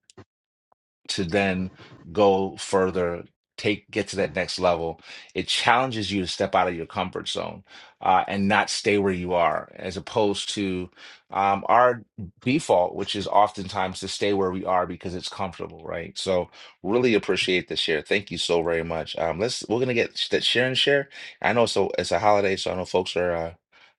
S2: to then go further take get to that next level it challenges you to step out of your comfort zone uh, and not stay where you are as opposed to um, our default which is oftentimes to stay where we are because it's comfortable right so really appreciate the share thank you so very much um, let's we're gonna get sh- that share and share i know so it's a holiday so i know folks are uh,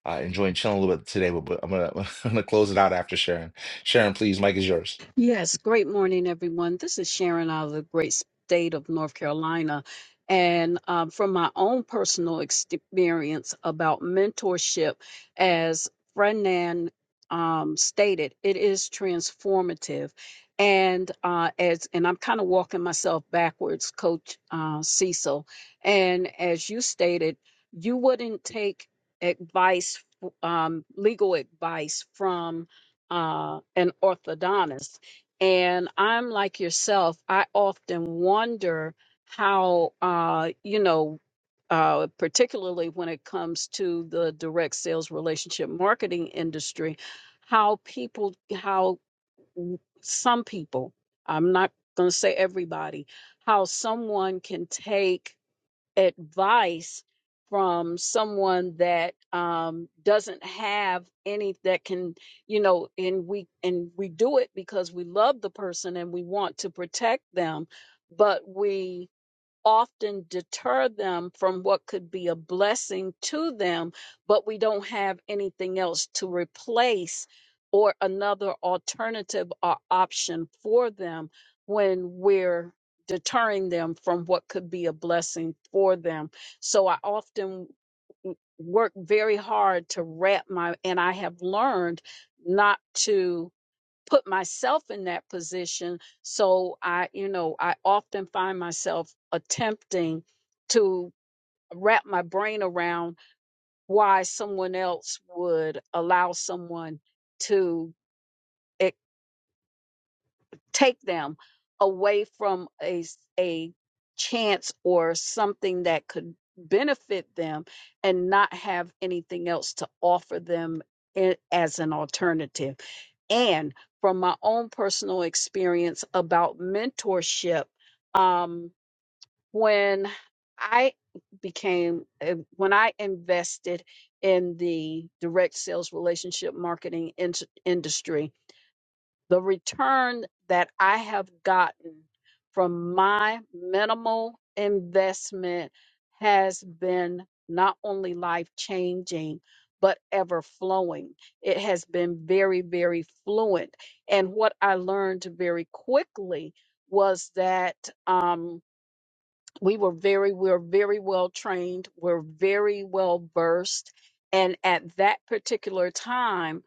S2: uh, enjoying chilling a little bit today but, but i'm gonna i'm gonna close it out after sharon sharon please mike is yours
S9: Yes, great morning, everyone. This is Sharon out of the great state of North Carolina. And um, from my own personal experience about mentorship, as Frenan um, stated, it is transformative. And uh, as and I'm kind of walking myself backwards, Coach uh, Cecil. And as you stated, you wouldn't take advice, um, legal advice from uh, an orthodontist and I'm like yourself, I often wonder how, uh, you know, uh, particularly when it comes to the direct sales relationship marketing industry, how people, how w- some people, I'm not going to say everybody, how someone can take advice from someone that um, doesn't have any that can you know and we and we do it because we love the person and we want to protect them but we often deter them from what could be a blessing to them, but we don't have anything else to replace or another alternative or option for them when we're deterring them from what could be a blessing for them. So I often w- work very hard to wrap my, and I have learned not to put myself in that position. So I, you know, I often find myself attempting to wrap my brain around why someone else would allow someone to take them away from a s- a chance or something that could benefit them and not have anything else to offer them i- as an alternative and from my own personal experience about mentorship um when i became uh, when i invested in the direct sales relationship marketing in- industry the return that I have gotten from my minimal investment has been not only life changing, but ever flowing. It has been very, very fluent. And what I learned very quickly was that. Um, we were very we were very well trained we're very well versed and at that particular time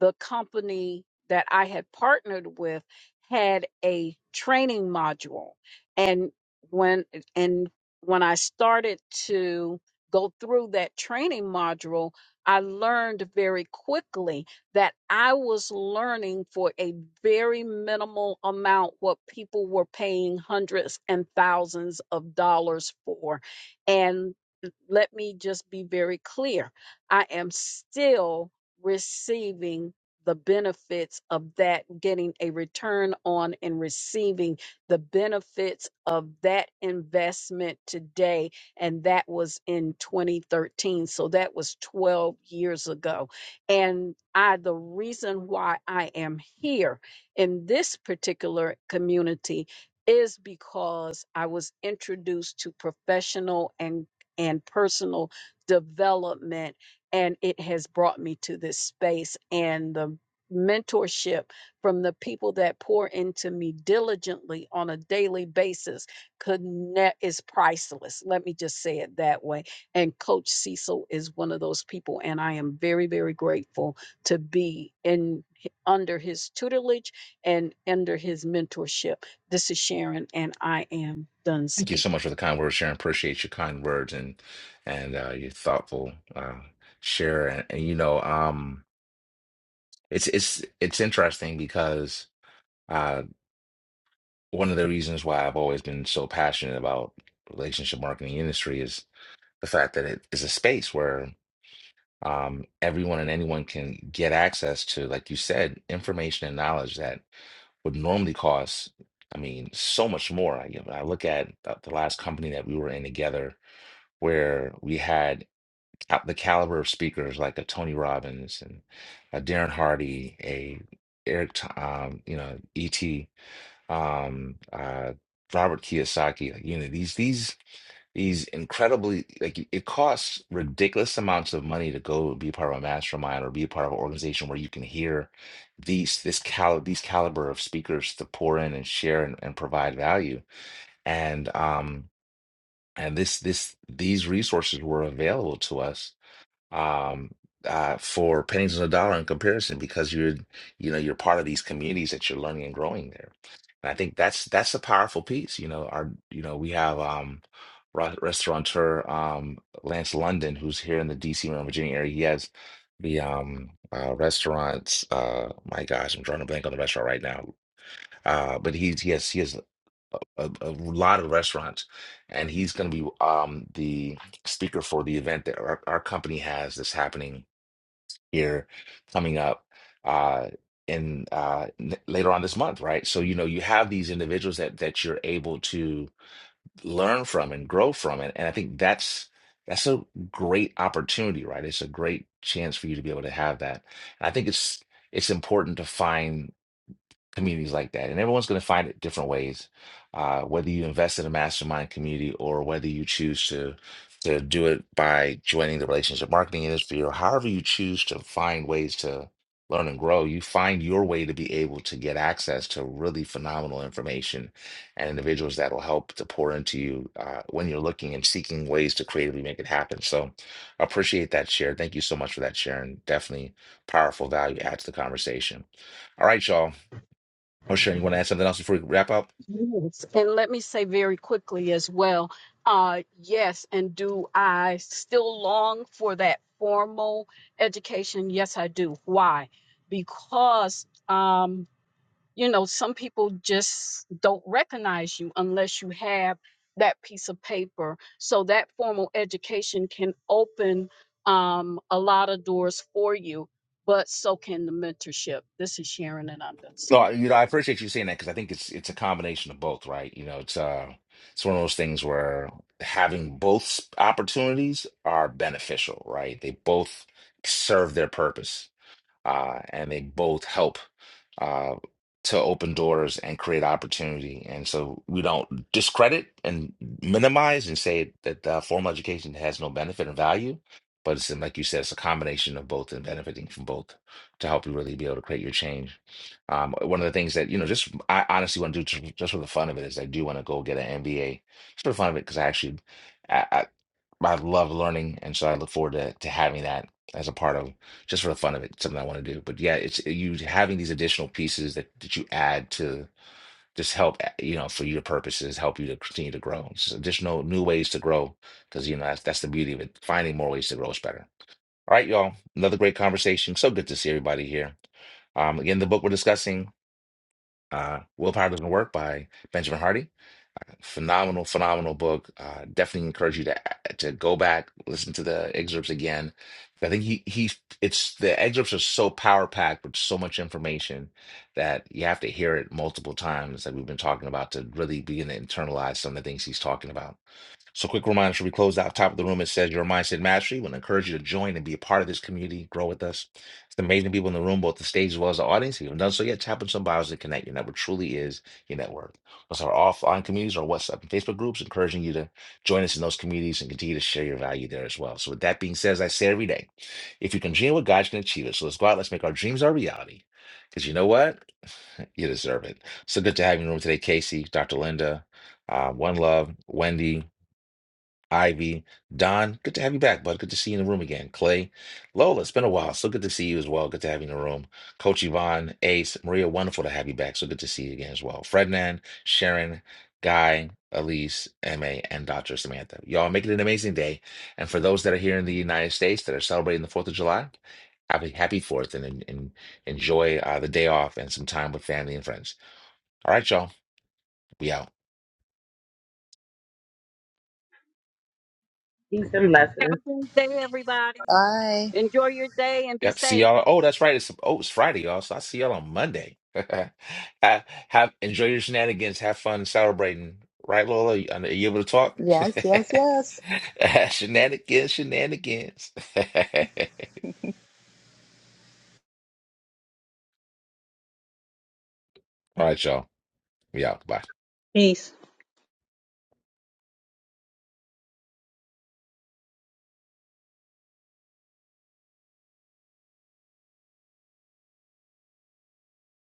S9: the company that i had partnered with had a training module and when and when i started to go through that training module i learned very quickly that I was learning for a very minimal amount what people were paying hundreds and thousands of dollars for. And let me just be very clear I am still receiving the benefits of that, getting a return on and receiving the benefits of that investment today. And that was in 2013. So that was 12 years ago and I the reason why I am here in this particular community is because I was introduced to professional and and personal development and it has brought me to this space and the mentorship from the people that pour into me diligently on a daily basis connect is priceless let me just say it that way and Coach Cecil is one of those people. And I am very, very grateful to be in h- under his tutelage and under his mentorship. This is Sharon, and I am done
S2: Thank you so
S9: speaking.
S2: much for the kind words, Sharon. Appreciate your kind words and and uh, your thoughtful uh, share. And, and you know, um, it's it's it's interesting because uh, one of the reasons why I've always been so passionate about relationship marketing industry is the fact that it is a space where um, everyone and anyone can get access to, like you said, information and knowledge that would normally cost. I mean, so much more. I, I look at the the last company that we were in together where we had ca- the caliber of speakers like a Tony Robbins and a Darren Hardy, a Eric, T- um, you know, E.T., um, uh, Robert Kiyosaki, like, you know, these these these incredibly like it costs ridiculous amounts of money to go be part of a mastermind or be a part of an organization where you can hear these this cal these caliber of speakers to pour in and share and, and provide value. And um and this this these resources were available to us um uh for pennies on the dollar in comparison because you're you know you're part of these communities that you're learning and growing there and i think that's that's a powerful piece you know our you know we have um ra- restaurateur um lance london who's here in the dc maryland virginia area he has the um uh restaurants uh my gosh i'm drawing a blank on the restaurant right now uh but he's he has he has a, a lot of restaurants, and he's going to be um, the speaker for the event that our, our company has that's happening here coming up uh, in uh, n- later on this month, right? So you know you have these individuals that that you're able to learn from and grow from, and, and I think that's that's a great opportunity, right? It's a great chance for you to be able to have that. And I think it's it's important to find communities like that. And everyone's going to find it different ways, uh, whether you invest in a mastermind community or whether you choose to to do it by joining the relationship marketing industry or however you choose to find ways to learn and grow, you find your way to be able to get access to really phenomenal information and individuals that will help to pour into you uh, when you're looking and seeking ways to creatively make it happen. So I appreciate that share. Thank you so much for that, Sharon. Definitely powerful value add to the conversation. All right, y'all. Oh, sure. You want to add something else before we wrap up?
S9: Yes. And let me say very quickly as well uh, yes, and do I still long for that formal education? Yes, I do. Why? Because. um, you know, some people just don't recognize you unless you have that piece of paper. So that formal education can open um, a lot of doors for you, but so can the mentorship. This is Sharon and I'm done.
S2: No, you know, I appreciate you saying that because I think it's it's a combination of both, right? You know, it's uh, it's one of those things where having both s- opportunities are beneficial, right? They both serve their purpose. uh, and they both help uh, to open doors and create opportunity. And so we don't discredit and minimize and say that uh, formal education has no benefit and value, but it's like you said, it's a combination of both and benefiting from both to help you really be able to create your change. Um, one of the things that you know, just I honestly want to do just, just for the fun of it is I do want to go get an MBA just for the fun of it because I actually. I, I love learning, and so I look forward to to having that as a part of just for the fun of it, something I want to do. But yeah, it's you having these additional pieces that that you add to just help uh, you know for your purposes, help you to continue to grow. It's just additional new ways to grow because you know that's that's the beauty of it. Finding more ways to grow is better. All right, y'all. Another great conversation. So good to see everybody here. Um, again, the book we're discussing, uh, Willpower Doesn't Work by Benjamin Hardy. Phenomenal, phenomenal book. Uh, definitely encourage you to to go back, listen to the excerpts again. I think he he it's the excerpts are so power packed with so much information that you have to hear it multiple times, like we've been talking about, to really begin to internalize some of the things he's talking about. So, quick reminder: should we close out top of the room? It says your mindset mastery. We'll encourage you to join and be a part of this community. Grow with us. It's amazing people in the room, both the stage as well as the audience. If you haven't done so yet, tap on some bios and connect. Your network truly is your network. Plus, our offline communities, our WhatsApp and Facebook groups, encouraging you to join us in those communities and continue to share your value there as well. So, with that being said, as I say every day, if you can dream what God you can achieve it. So, let's go out. Let's make our dreams our reality. Because you know what? You deserve it. So good to have you in the room today, Casey, Dr. Linda, uh, One Love, Wendy. Ivy, Don, good to have you back, bud. Good to see you in the room again. Clay, Lola, it's been a while. So good to see you as well. Good to have you in the room. Coach Yvonne, Ace, Maria, wonderful to have you back. So good to see you again as well. Frednan, Sharon, Guy, Elise, MA, and Dr. Samantha. Y'all make it an amazing day. And for those that are here in the United States that are celebrating the 4th of July, have a happy 4th and, and, and enjoy uh, the day off and some time with family and friends. All right, y'all. We out.
S14: Peace and
S9: Have
S14: blessings.
S9: a good day, everybody.
S15: Bye.
S9: Enjoy your day and be
S2: Yep. See
S9: safe.
S2: y'all. Oh, that's right. It's oh, it's Friday, y'all. So I see y'all on Monday. have, have enjoy your shenanigans. Have fun celebrating. Right, Lola? You- Are you able to talk?
S15: Yes, yes, yes.
S2: shenanigans, shenanigans. All right, y'all. We out. Bye.
S1: Peace.